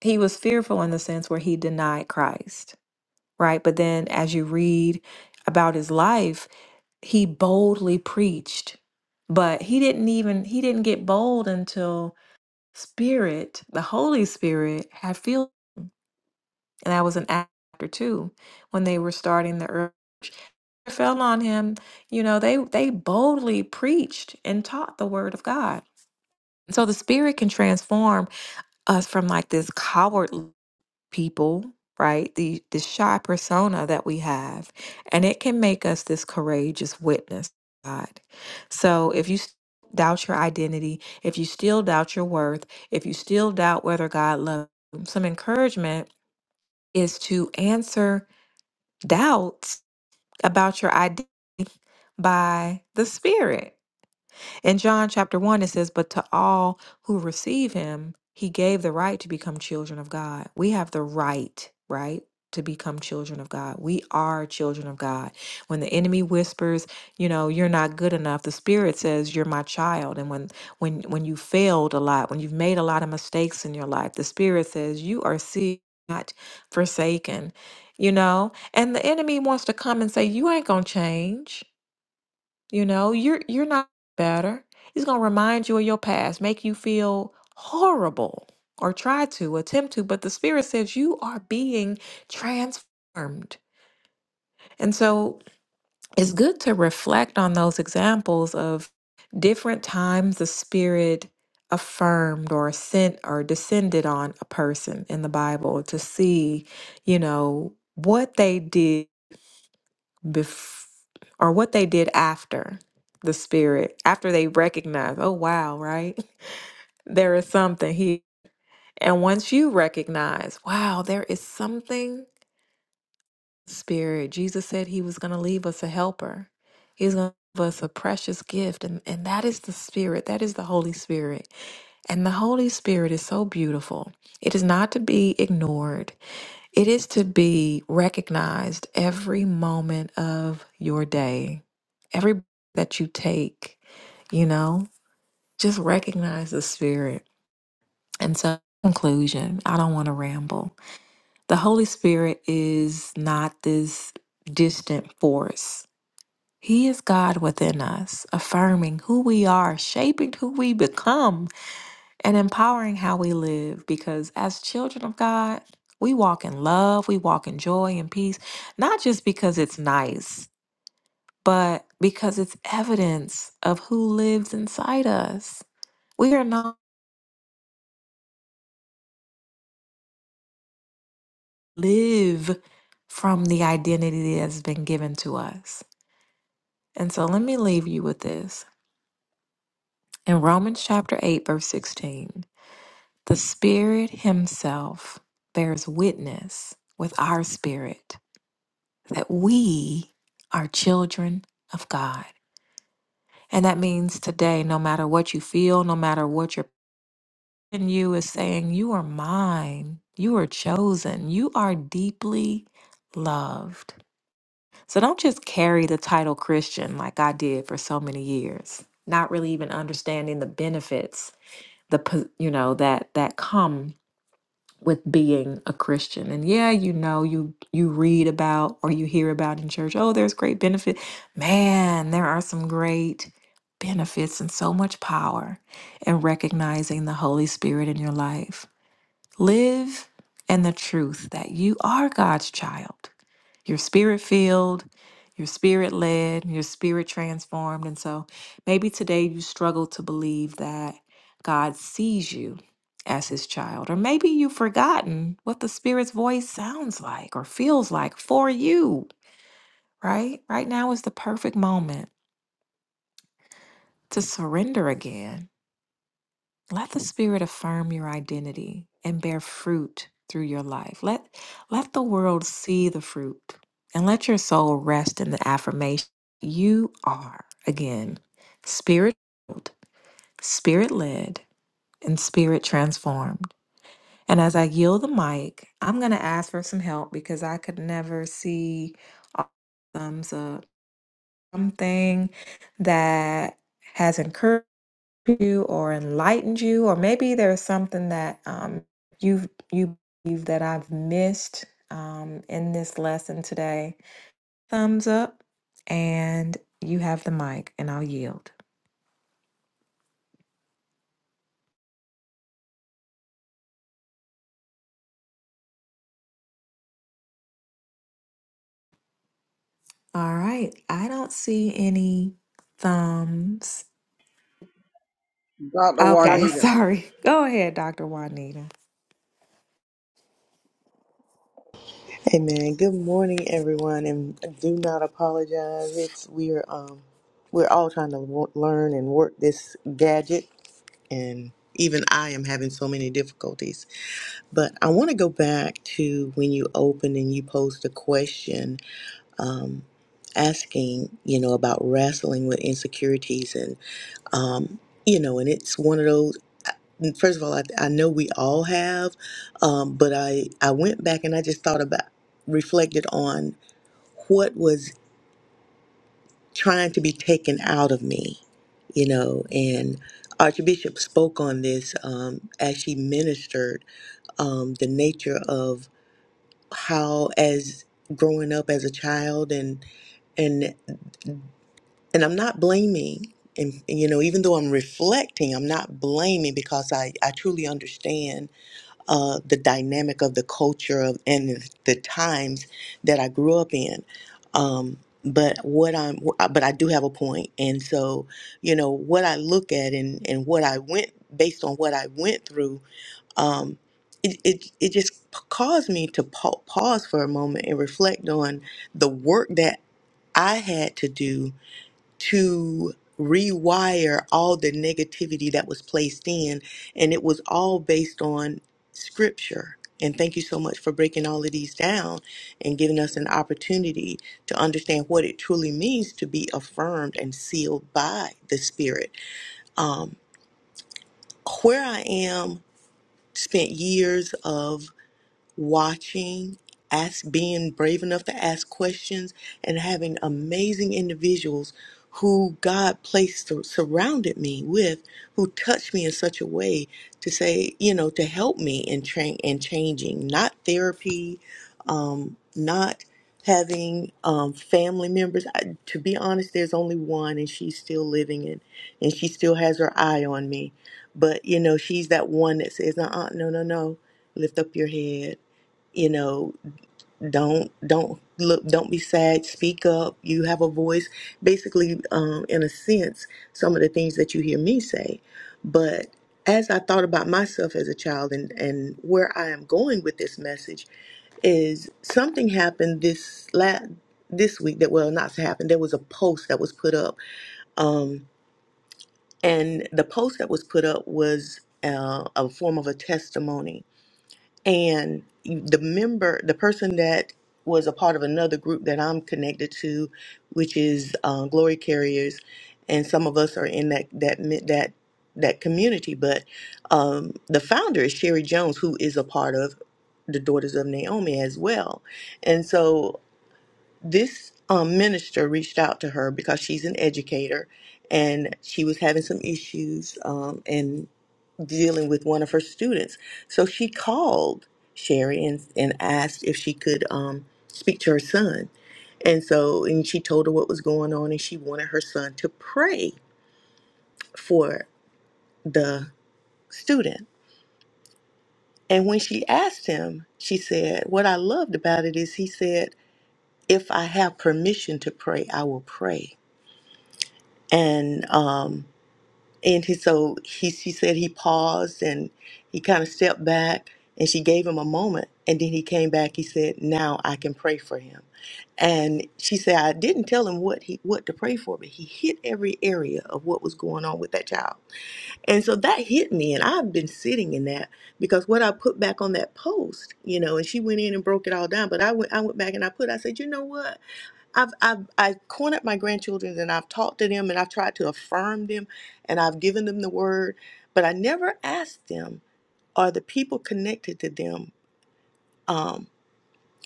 Speaker 5: he was fearful in the sense where he denied Christ, right? But then as you read about his life, he boldly preached. But he didn't even he didn't get bold until Spirit, the Holy Spirit had filled and that was an after two when they were starting the earth fell on him you know they they boldly preached and taught the word of god So the spirit can transform us from like this coward people, right? The the shy persona that we have, and it can make us this courageous witness, to God. So if you s- doubt your identity, if you still doubt your worth, if you still doubt whether God loves you, some encouragement is to answer doubts about your identity by the spirit. In John chapter 1, it says, But to all who receive him, he gave the right to become children of God. We have the right, right? To become children of God. We are children of God. When the enemy whispers, you know, you're not good enough, the spirit says you're my child. And when when when you failed a lot, when you've made a lot of mistakes in your life, the spirit says you are see not forsaken, you know? And the enemy wants to come and say, You ain't gonna change. You know, you're you're not better. He's going to remind you of your past, make you feel horrible or try to attempt to, but the spirit says you are being transformed. And so it's good to reflect on those examples of different times the spirit affirmed or sent or descended on a person in the Bible to see, you know, what they did bef- or what they did after the spirit, after they recognized, oh, wow, right? [LAUGHS] There is something here. And once you recognize, wow, there is something, spirit, Jesus said he was going to leave us a helper. He's going to give us a precious gift. And, and that is the spirit. That is the Holy Spirit. And the Holy Spirit is so beautiful. It is not to be ignored. It is to be recognized every moment of your day, every breath that you take, you know, just recognize the Spirit. And so, conclusion, I don't want to ramble. The Holy Spirit is not this distant force. He is God within us, affirming who we are, shaping who we become and empowering how we live because as children of God, we walk in love, we walk in joy and peace, not just because it's nice, but because it's evidence of who lives inside us. We are not live from the identity that has been given to us. And so let me leave you with this. In Romans chapter 8 verse 16, the spirit himself bears witness with our spirit that we are children of God. And that means today, no matter what you feel, no matter what your in you is saying, you are mine, you are chosen, you are deeply loved. So don't just carry the title Christian like I did for so many years, not really even understanding the benefits, the po- you know that that come with being a Christian. And yeah, you know, you you read about or you hear about in church, oh, there's great benefit. Man, there are some great benefits and so much power in recognizing the Holy Spirit in your life. Live in the truth that you are God's child. You're spirit filled, you're spirit led, you're spirit transformed. And so maybe today you struggle to believe that God sees you as his child, or maybe you've forgotten what the spirit's voice sounds like or feels like for you, right? Right now is the perfect moment to surrender again Let the Spirit affirm your identity and bear fruit through your life. Let, let the world see the fruit and let your soul rest in the affirmation you are, again, spirit filled, spirit led, and spirit transformed. And as I yield the mic, I'm going to ask for some help because I could never see a thumbs up, something that has encouraged you or enlightened you, or maybe there's something that um, you've you believe that I've missed um, in this lesson today. Thumbs up, and you have the mic, and I'll yield. All right, I don't see any thumbs.
Speaker 6: Dr.
Speaker 5: Okay, [LAUGHS]
Speaker 6: Juanita.
Speaker 5: sorry. Go ahead, Dr. Juanita.
Speaker 7: Amen. Good morning, everyone, and do not apologize. It's we're um we're all trying to wo- learn and work this gadget, and even I am having so many difficulties. But I want to go back to when you opened and you posed a question, um, asking you know about wrestling with insecurities um, you know, and it's one of those. I- First of all, I, I know we all have, um, but I I went back and I just thought about, reflected on what was trying to be taken out of me, you know, and Archbishop spoke on this um, as she ministered um, the nature of how as growing up as a child and and I'm not blaming. And, and, you know, even though I'm reflecting, I'm not blaming because I, I truly understand uh, the dynamic of the culture of, and the, the times that I grew up in. Um, but what I'm, but I do have a point, and so you know what I look at and and what I went based on what I went through. Um, it, it, it just p- caused me to pa- pause for a moment and reflect on the work that I had to do to rewire all the negativity that was placed in. And it was all based on scripture. And thank you so much for breaking all of these down and giving us an opportunity to understand what it truly means to be affirmed and sealed by the Spirit. Um, where I am, spent years of watching, ask, being brave enough to ask questions, and having amazing individuals who God placed surrounded me with, who touched me in such a way to say, you know, to help me in train and changing, not therapy, um, not having um, family members. I, to be honest, there's only one, and she's still living in, and she still has her eye on me. But you know, she's that one that says, "Uh, uh no, no, no, lift up your head." you know don't don't look don't be sad speak up you have a voice basically um, in a sense some of the things that you hear me say but as i thought about myself as a child and and where i am going with this message is something happened this last this week that well not happened there was a post that was put up um and the post that was put up was uh, a form of a testimony and you- the member the person that was a part of another group that i'm connected to which is uh, glory carriers and some of us are in that that mi- that that community but um, the founder is sherry jones who is a part of the daughters of naomi as well and so this um, minister reached out to her because she's an educator and she was having some issues um, and dealing with one of her students. So she called Sherry and, and asked if she could um, speak to her son. And so, and she told her what was going on, and she wanted her son to pray for the student. And when she asked him, she said, What I loved about it is he said, If I have permission to pray, I will pray. And, um, And he, so he, she said he paused and he kind of stepped back and she gave him a moment. And then he came back. He said, now I can pray for him. And she said, I didn't tell him what he, what to pray for, but he hit every area of what was going on with that child. And so that hit me. And I've been sitting in that because what I put back on that post, you know, and she went in and broke it all down. But I went, I went back and I put, I said, you know what? I've I've I cornered my grandchildren and I've talked to them and I've tried to affirm them and I've given them the word, but I never asked them, are the people connected to them, um,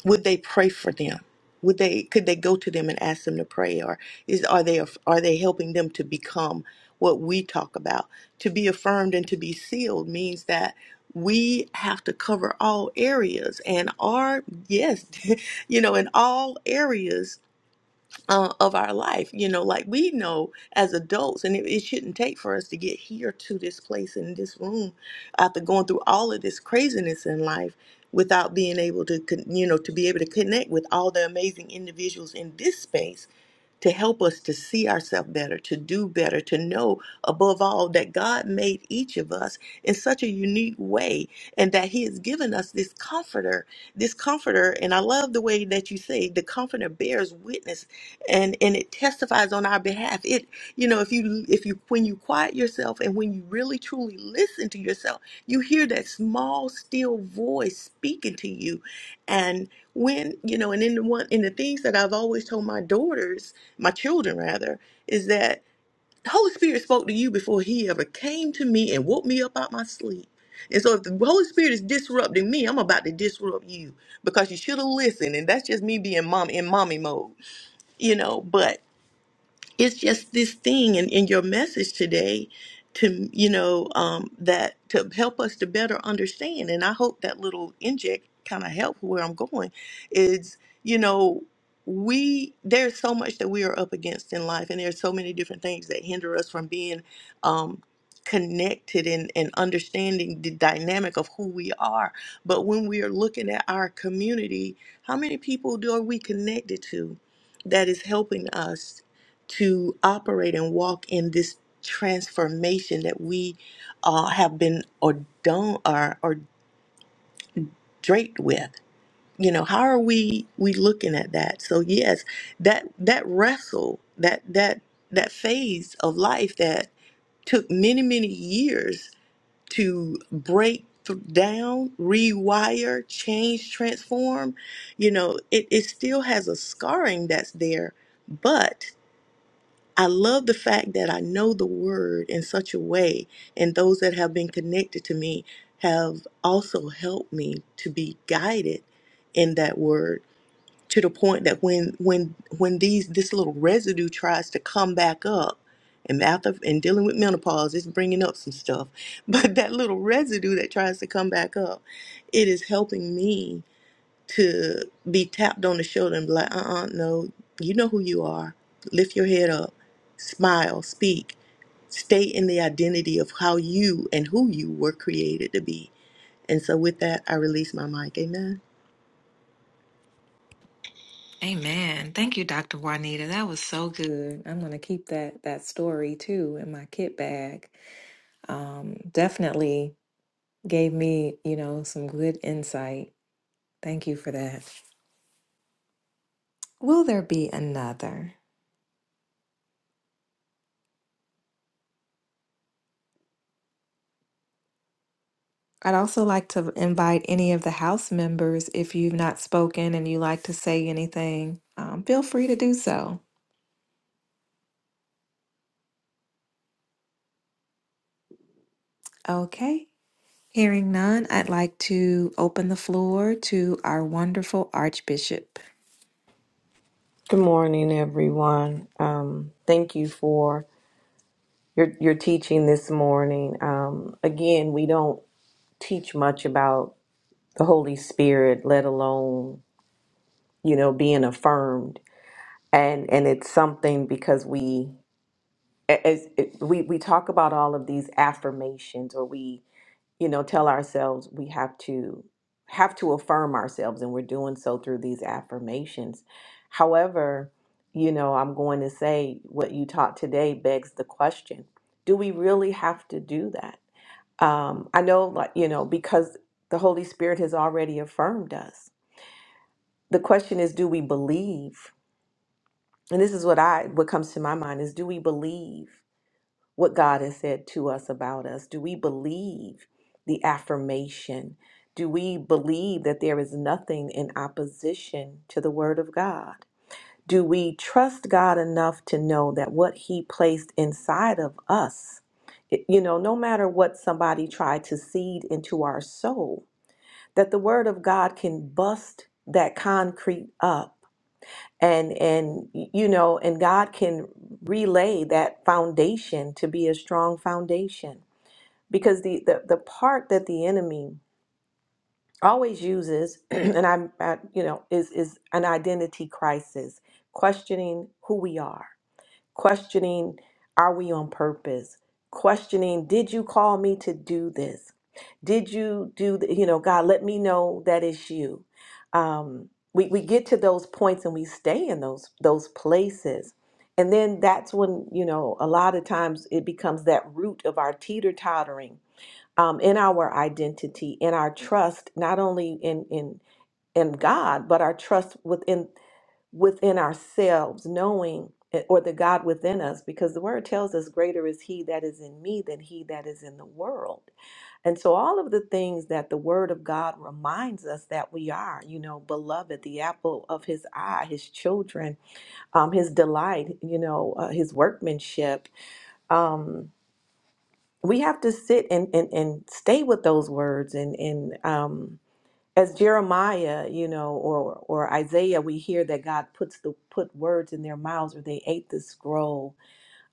Speaker 7: would they pray for them? Would they could they go to them and ask them to pray or is are they are they helping them to become what we talk about? To be affirmed and to be sealed means that we have to cover all areas and are yes, [LAUGHS] you know, in all areas uh, of our life. You know, like we know as adults, and it, it shouldn't take for us to get here to this place in this room after going through all of this craziness in life without being able to, con- you know, to be able to connect with all the amazing individuals in this space to help us to see ourselves better, to do better, to know above all that God made each of us in such a unique way and that He has given us this comforter, this comforter. And I love the way that you say the comforter bears witness and, and it testifies on our behalf. It, you know, if you, if you, when you quiet yourself and when you really truly listen to yourself, you hear that small, still voice speaking to you and when, you know, and in the one in the things that I've always told my daughters, my children rather, is that the Holy Spirit spoke to you before he ever came to me and woke me up out my sleep. And so if the Holy Spirit is disrupting me, I'm about to disrupt you because you should have listened. And that's just me being mom in mommy mode, you know, but it's just this thing in, in your message today to you know um, that to help us to better understand and i hope that little inject kind of help where i'm going is you know we there's so much that we are up against in life and there's so many different things that hinder us from being um, connected and, and understanding the dynamic of who we are but when we are looking at our community how many people do are we connected to that is helping us to operate and walk in this transformation that we uh, have been ordained or, or draped with. You know, how are we we looking at that? So yes, that that wrestle, that that that phase of life that took many many years to break th- down, rewire, change, transform. You know, it, it still has a scarring that's there, but I love the fact that I know the word in such a way, and those that have been connected to me have also helped me to be guided in that word to the point that when when when these this little residue tries to come back up and after and dealing with menopause it's bringing up some stuff [LAUGHS] but that little residue that tries to come back up it is helping me to be tapped on the shoulder and be like, uh uh no, you know who you are. Lift your head up, smile, speak, stay in the identity of how you and who you were created to be. And so, with that, I release my mic. Amen.
Speaker 5: Amen. Thank you, Dr. Juanita. That was so good. I'm gonna keep that that story too in my kit bag. Um, definitely gave me, you know, some good insight. Thank you for that. Will there be another? I'd also like to invite any of the house members, if you've not spoken and you like to say anything, um, feel free to do so. Okay. Hearing none, I'd like to open the floor to our wonderful Archbishop.
Speaker 1: Good morning, everyone. Um, thank you for your, your teaching this morning. Um, again, we don't teach much about the Holy Spirit, let alone, you know, being affirmed and and it's something because we as it, we we talk about all of these affirmations or we you know tell ourselves we have to have to affirm ourselves and we're doing so through these affirmations however you know i'm going to say what you taught today begs the question do we really have to do that um i know like you know because the holy spirit has already affirmed us the question is do we believe and this is what I what comes to my mind is do we believe what God has said to us about us? Do we believe the affirmation? Do we believe that there is nothing in opposition to the word of God? Do we trust God enough to know that what he placed inside of us, it- you know, no matter what somebody tried to seed into our soul, that the word of God can bust that concrete up and and you know and god can relay that foundation to be a strong foundation because the the, the part that the enemy always uses [CLEARS THROAT] and I'm I, you know is is an identity crisis questioning who we are questioning are we on purpose questioning did you call me to do this did you do th- you know god let me know that it's you um we, we get to those points and we stay in those those places and then that's when you know a lot of times it becomes that root of our teeter tottering um, in our identity in our trust not only in in in god but our trust within within ourselves, knowing it- or the God within us, because the word tells us, Greater is He that is in me than He that is in the world. And so, all of the things that the word of God reminds us that we are, you know, beloved, the apple of His eye, His children, um, His delight, you know, uh, His workmanship. Um, we have to sit and, and, and stay with those words and, and um, as Jeremiah, you know, or or Isaiah, we hear that God puts the put words in their mouths, or they ate the scroll.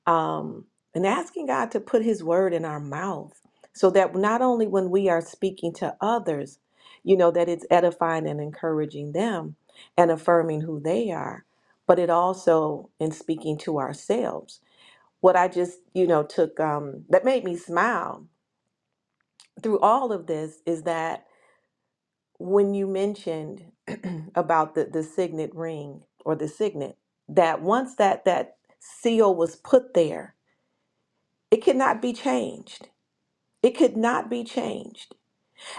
Speaker 1: Um, and asking God to put His word in our mouth, so that not only when we are speaking to others, you know, that it's edifying and encouraging them and affirming who they are, but it also in speaking to ourselves. What I just, you know, took um, that made me smile through all of this is that when you mentioned [CLEARS THROAT] about the, the signet ring or the signet, that once that that seal was put there, it could not be changed. It could not be changed.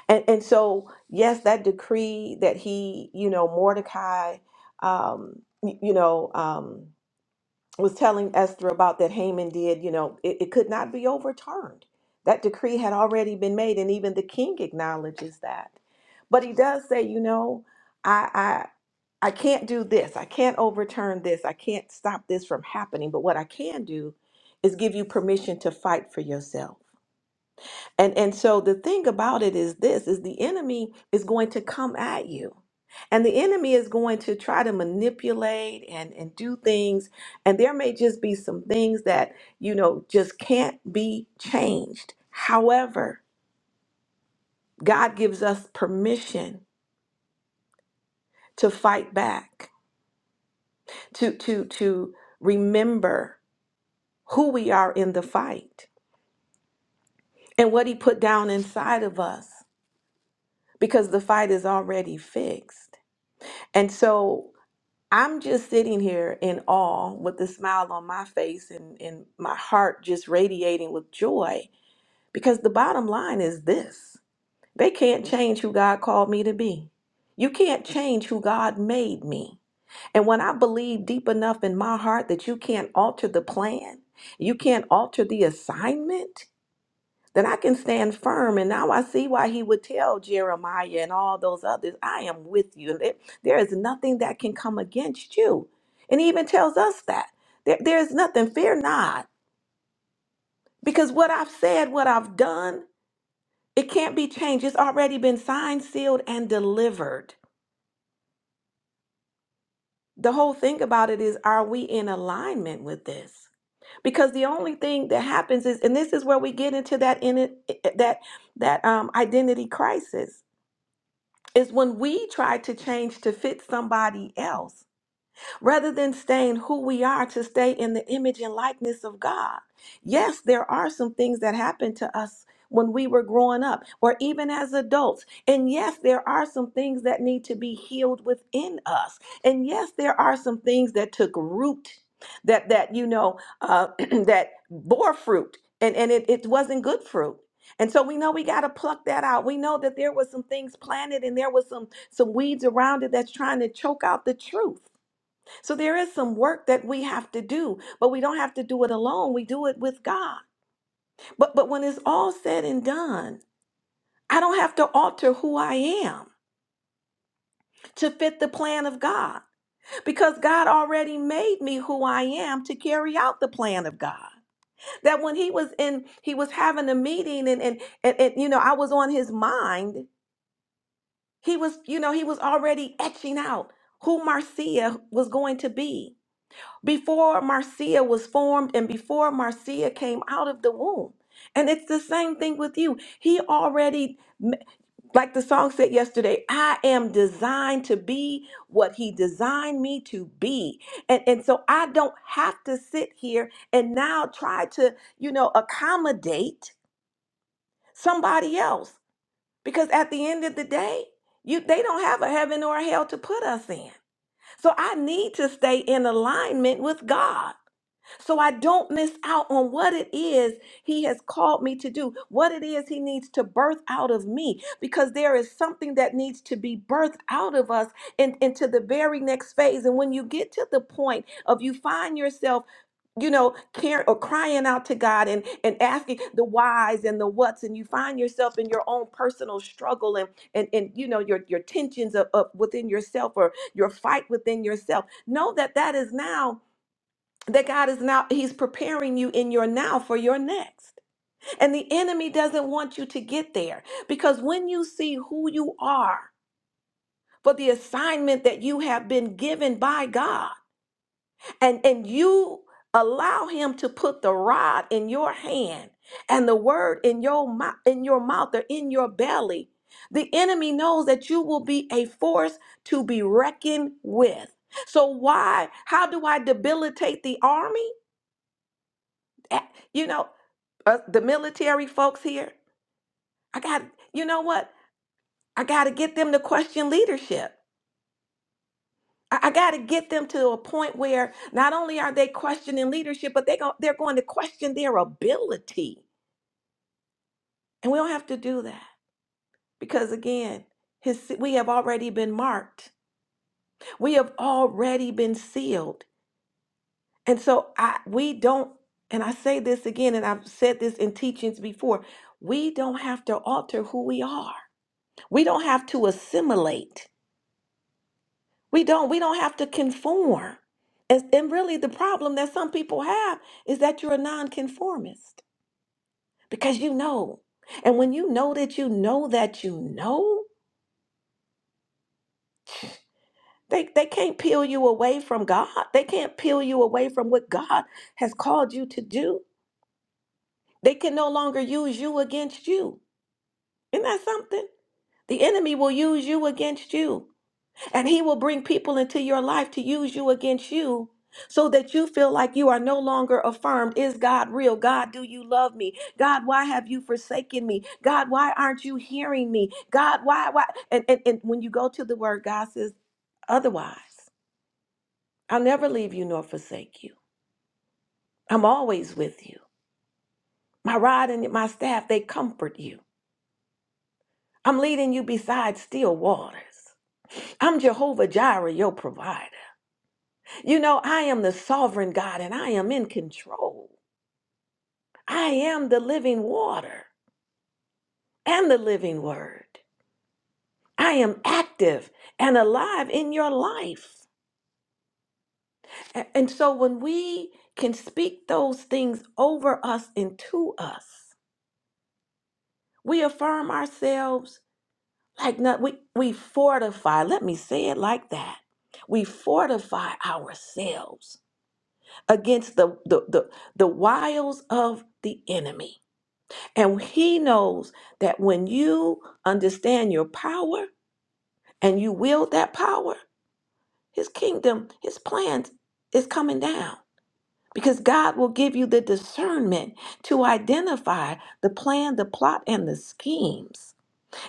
Speaker 1: And and so yes, that decree that he, you know, Mordecai, um, y- you know, um, was telling Esther about that Haman did, you know, it, it could not be overturned. That decree had already been made, and even the king acknowledges that. But he does say, you know, I, I can't do this. I can't overturn this. I can't stop this from happening. But what I can do is give you permission to fight for yourself. And and so the thing about it is this is the enemy is going to come at you. And the enemy is going to try to manipulate and and do things and there may just be some things that you know just can't be changed. However, God gives us permission to fight back, to to to remember who we are in the fight and what he put down inside of us because the fight is already fixed. And so I'm just sitting here in awe with a smile on my face and, and my heart just radiating with joy because the bottom line is this they can't change who God called me to be. You can't change who God made me. And when I believe deep enough in my heart that you can't alter the plan, you can't alter the assignment, then I can stand firm. And now I see why he would tell Jeremiah and all those others, I am with you. And there is nothing that can come against you. And he even tells us that. There, there is nothing, fear not. Because what I've said, what I've done, it can't be changed. It's already been signed, sealed, and delivered. The whole thing about it is, are we in alignment with this? Because the only thing that happens is, and this is where we get into that in it, eh, eh, that that um, identity crisis is when we try to change to fit somebody else rather than staying who we are to stay in the image and likeness of God. Yes, there are some things that happened to us when we were growing up or even as adults. And yes, there are some things that need to be healed within us. And yes, there are some things that took root that that you know uh, [CLEARS THROAT] that bore fruit and and it, it wasn't good fruit. And so we know we got to pluck that out. We know that there was some things planted and there was some some weeds around it that's trying to choke out the truth. So there is some work that we have to do, but we don't have to do it alone. We do it with God. But but when it's all said and done, I don't have to alter who I am to fit the plan of God because God already made me who I am to carry out the plan of God. That when he was in he was having a meeting and and and, and you know, I was on his mind, he was you know, he was already etching out who Marcia was going to be before Marcia was formed and before Marcia came out of the womb. And it's the same thing with you. He already, m- like the song said yesterday, I am designed to be what he designed me to be. And, and so I don't have to sit here and now try to, you know, accommodate somebody else. Because at the end of the day, you they don't have a heaven or a hell to put us in. So I need to stay in alignment with God so I don't miss out on what it is He has called me to do, what it is He needs to birth out of me, because there is something that needs to be birthed out of us and into the very next phase. And when you get to the point of you find yourself, you know, care or crying out to God and and asking the whys and the whats, and you find yourself in your own personal struggle and and and you know your your tensions of, of within yourself or your fight within yourself. Know that that is now that God is now, He's preparing you in your now for your next. And the enemy doesn't want you to get there because when you see who you are for the assignment that you have been given by God, and, and you allow Him to put the rod in your hand and the word in your mouth, in your mouth or in your belly, the enemy knows that you will be a force to be reckoned with. So why? How do I debilitate the army? Eh, You know, uh, the military folks here, I got, you know what? I got to get them to question leadership. I, I got to get them to a point where not only are they questioning leadership, but they go, they're going to question their ability. And we don't have to do that because, again, his, we have already been marked. We have already been sealed. And so I, we don't, and I say this again, and I've said this in teachings before, we don't have to alter who we are. We don't have to assimilate We don't we don't have to conform. And, and really the problem that some people have is that you're a nonconformist because you know. And when you know that you know that you know, they, they can't peel you away from God. They can't peel you away from what God has called you to do. They can no longer use you against you. Isn't that something? The enemy will use you against you. And he will bring people into your life to use you against you so that you feel like you are no longer affirmed. Is God real? God, do you love me? God, why have you forsaken me? God, why aren't you hearing me? God, why, why? And, and, and when you go to the word, God says, otherwise, I'll never leave you nor forsake you. I'm always with you. My rod and my staff, they comfort you. I'm leading you beside still waters. I'm Jehovah Jireh, your provider. You know, I am the sovereign God and I am in control. I am the living water and the living word. I am active and alive in your life. A- And so when we can speak those things over us and to us, we affirm ourselves like not we, we fortify, let me say it like that. We fortify ourselves against the, the, the, the wiles of the enemy. And he knows that when you understand your power and you wield that power, his kingdom, his plans is coming down. Because God will give you the discernment to identify the plan, the plot, and the schemes.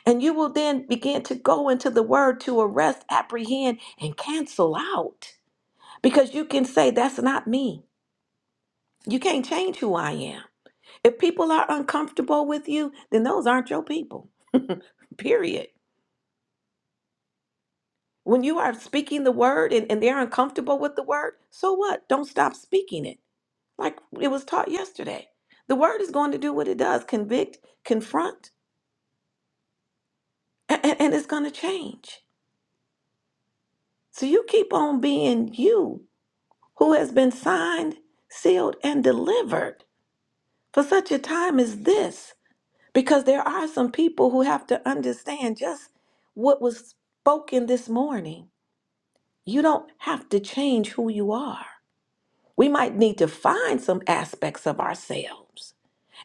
Speaker 1: And you will then begin to go into the word to arrest, apprehend, and cancel out. Because you can say, That's not me. You can't change who I am. If people are uncomfortable with you, then those aren't your people, [LAUGHS] period. When you are speaking the word and, and they're uncomfortable with the word, so what? Don't stop speaking it. Like it was taught yesterday. The word is going to do what it does convict, confront, and, and it's going to change. So you keep on being you who has been signed, sealed, and delivered for such a time as this. Because there are some people who have to understand just what was spoken this morning. You don't have to change who you are. we might need to find some aspects of ourselves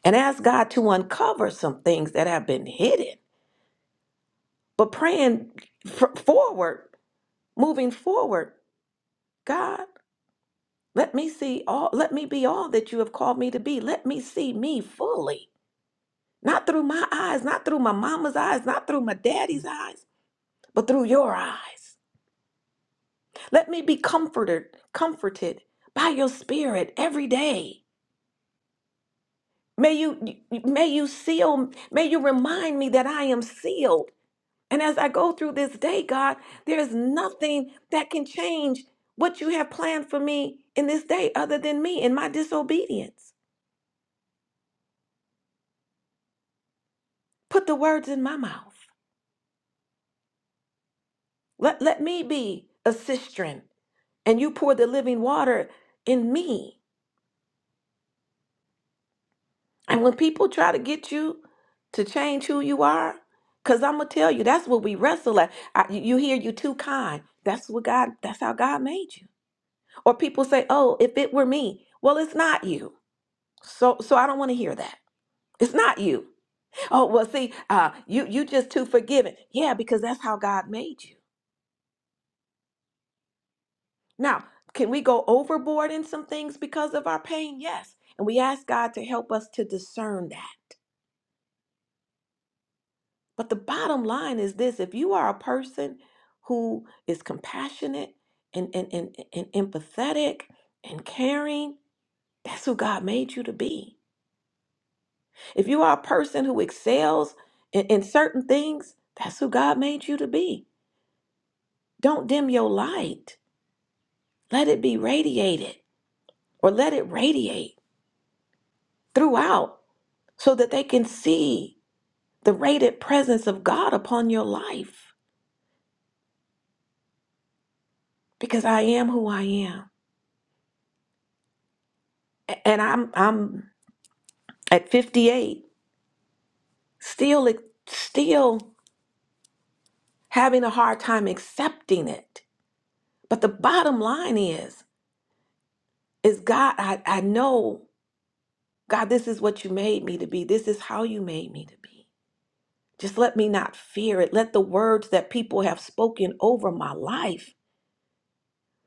Speaker 1: and ask God to uncover some things that have been hidden. But praying f- forward, moving forward, God, let me see all, let me be all that you have called me to be. Let me see me fully, not through my eyes, not through my mama's eyes, not through my daddy's eyes, but through your eyes. Let me be comforted, comforted by your spirit every day. May you may you seal, may you remind me that I am sealed. And as I go through this day, God, there's nothing that can change what you have planned for me in this day other than me and my disobedience. Put the words in my mouth. Let, let me be a cistern and you pour the living water in me. And when people try to get you to change who you are, because I'm gonna tell you, that's what we wrestle at. I, you you hear you too kind. That's what God, that's how God made you. Or people say, "Oh, if it were me." Well, it's not you. So so I don't want to hear that. It's not you. Oh, well, see, uh you you just too forgiving. Yeah, because that's how God made you. Now, can we go overboard in some things because of our pain? Yes. And we ask God to help us to discern that. But the bottom line is this, if you are a person who is compassionate and and and, and empathetic and caring, that's who God made you to be. If you are a person who excels in, in certain things, that's who God made you to be. Don't dim your light. Let it be radiated or let it radiate throughout so that they can see the radiant presence of God upon your life because I am who I am. A- And I'm I'm at 58 still still having a hard time accepting it. But the bottom line is is God I, I know God, this is what you made me to be. This is how you made me to be. Just let me not fear it. Let the words that people have spoken over my life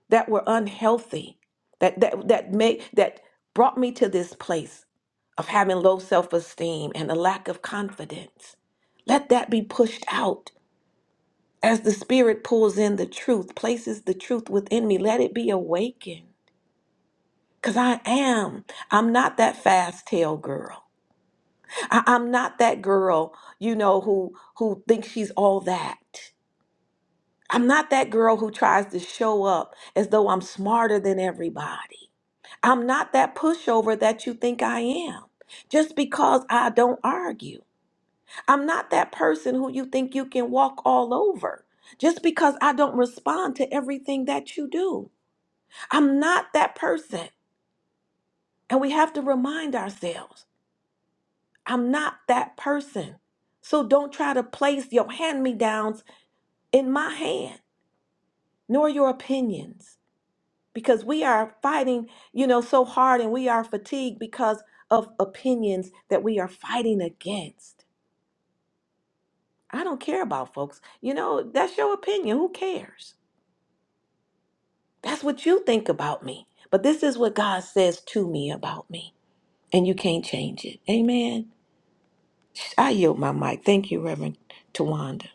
Speaker 1: that were unhealthy, that that that made that brought me to this place of having low self-esteem and a lack of confidence. Let that be pushed out as the spirit pulls in the truth, places the truth within me. Let it be awakened. Cause I am. I'm not that fast tail girl. I, I'm not that girl, you know, who who thinks she's all that. I'm not that girl who tries to show up as though I'm smarter than everybody. I'm not that pushover that you think I am. Just because I don't argue. I'm not that person who you think you can walk all over. Just because I don't respond to everything that you do. I'm not that person. And we have to remind ourselves I'm not that person. So don't try to place your hand me downs in my hand, nor your opinions, because we are fighting, you know, so hard and we are fatigued because of opinions that we are fighting against. I don't care about folks. You know, that's your opinion. Who cares? That's what you think about me. But this is what God says to me about me, and you can't change it. Amen. I yield my mic. Thank you, Reverend Tawanda.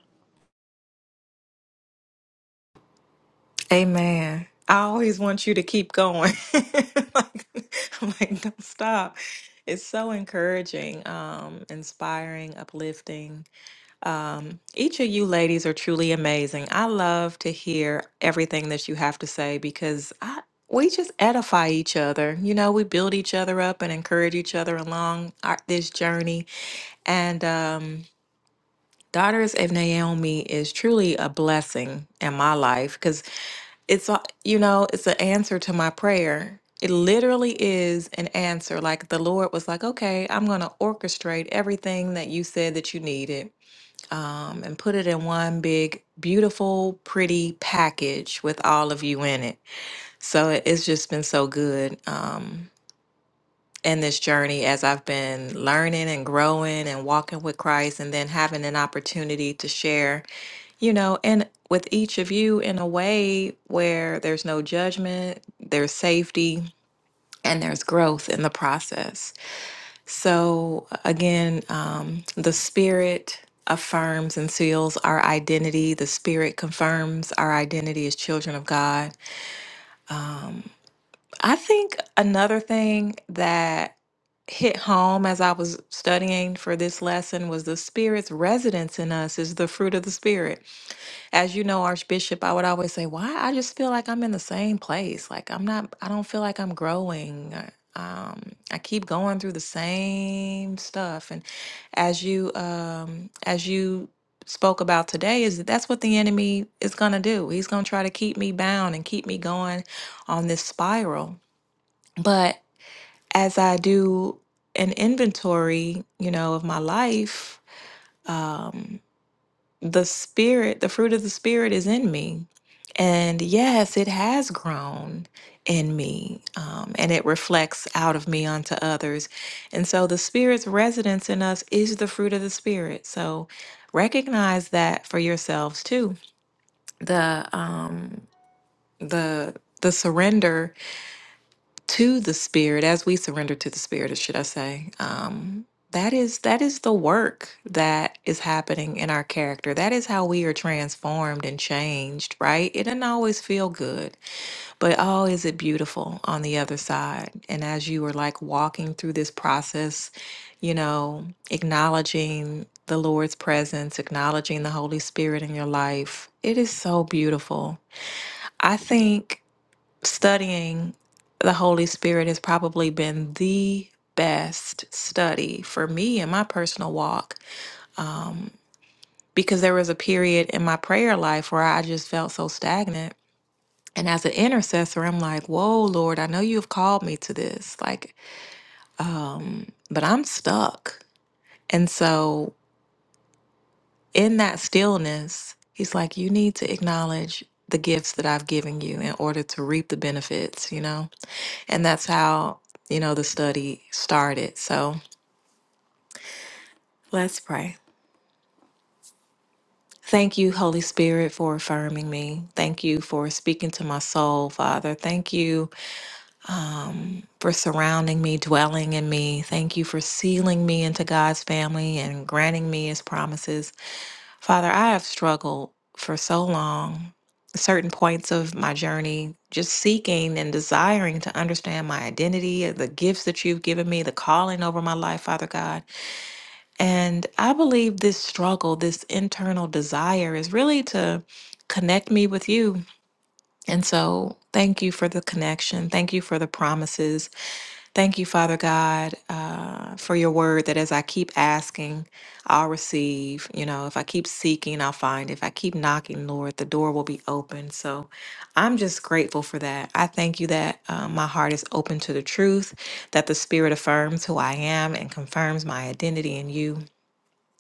Speaker 5: Amen. I always want you to keep going. [LAUGHS] like, I'm like, don't stop. It's so encouraging, um, inspiring, uplifting. Um, each of you ladies are truly amazing. I love to hear everything that you have to say because I, we just edify each other. You know, we build each other up and encourage each other along our, this journey. And um, Daughters of Naomi is truly a blessing in my life because it's, a- you know, it's an answer to my prayer. It literally is an answer. Like the Lord was like, okay, I'm going to orchestrate everything that you said that you needed um, and put it in one big, beautiful, pretty package with all of you in it. So it- it's just been so good um, in this journey as I've been learning and growing and walking with Christ, and then having an opportunity to share, you know, and with each of you in a way where there's no judgment, there's safety, and there's growth in the process. So, again, um, the Spirit affirms and seals our identity. The Spirit confirms our identity as children of God. Um, I think another thing that hit home as I was studying for this lesson was the Spirit's residence in us is the fruit of the Spirit. As you know, Archbishop, I would always say, why? I just feel like I'm in the same place. Like I'm not, I don't feel like I'm growing. I- Um, I keep going through the same stuff. And as you, um, as you spoke about today, is that that's what the enemy is going to do. He's going to try to keep me bound and keep me going on this spiral. But as I do an inventory, you know, of my life, um, the spirit, the fruit of the spirit is in me. And yes, it has grown in me um, and it reflects out of me onto others. And so the spirit's residence in us is the fruit of the spirit. So recognize that for yourselves too. The, um, the, the surrender to the spirit as we surrender to the spirit should i say um that is that is the work that is happening in our character that is how we are transformed and changed right it doesn't always feel good but oh is it beautiful on the other side and as you are like walking through this process you know acknowledging the lord's presence acknowledging the holy spirit in your life it is so beautiful i think studying the Holy Spirit has probably been the best study for me in my personal walk um, because there was a period in my prayer life where I just felt so stagnant. And as an intercessor, I'm like, whoa, Lord, I know you've called me to this, like, but I'm stuck. And so in that stillness, he's like, you need to acknowledge the gifts that I've given you in order to reap the benefits, you know? And that's how, you know, the study started. So let's pray. Thank you, Holy Spirit, for affirming me. Thank you for speaking to my soul, Father. Thank you for surrounding me, dwelling in me. Thank you for sealing me into God's family and granting me his promises. Father, I have struggled for so long, certain points of my journey, just seeking and desiring to understand my identity, the gifts that you've given me, the calling over my life, Father God. And I believe this struggle, this internal desire, is really to connect me with you. And so, thank you for the connection. Thank you for the promises. Thank you, Father God, uh, for your word that as I keep asking, I'll receive. You know, if I keep seeking, I'll find. If I keep knocking, Lord, the door will be open. So, I'm just grateful for that. I thank you that uh, my heart is open to the truth, that the Spirit affirms who I am and confirms my identity in you.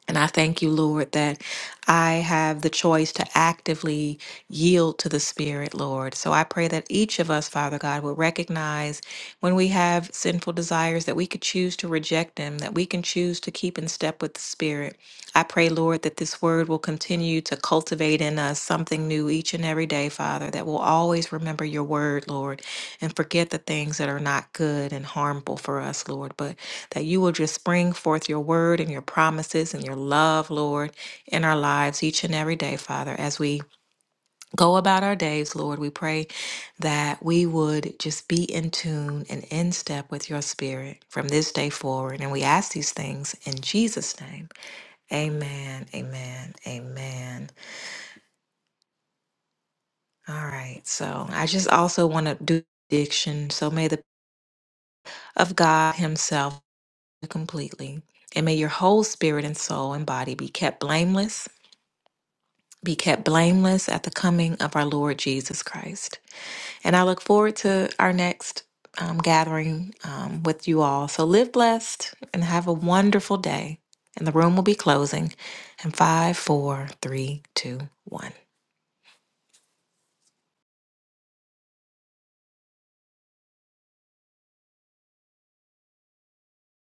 Speaker 5: And I thank you, Lord, that I have the choice to actively yield to the Spirit, Lord. So I pray that each of us, Father God, will recognize when we have sinful desires that we could choose to reject them, that we can choose to keep in step with the Spirit. I pray, Lord, that this word will continue to cultivate in us something new each and every day, Father, that we'll always remember your word, Lord, and forget the things that are not good and harmful for us, Lord, but that you will just spring forth your word and your promises and your love, Lord, in our lives each and every day, Father. As we go about our days, Lord, we pray that we would just be in tune and in step with your spirit from this day forward. And we ask these things in Jesus' name. Amen, amen, amen. All right. So I just also want to do addiction. So may the of God Himself completely. And may your whole spirit and soul and body be kept blameless be kept blameless at the coming of our Lord Jesus Christ. And I look forward to our next um, gathering um, with you all. So live blessed and have a wonderful day. And the room will be closing in five, four, three, two, one.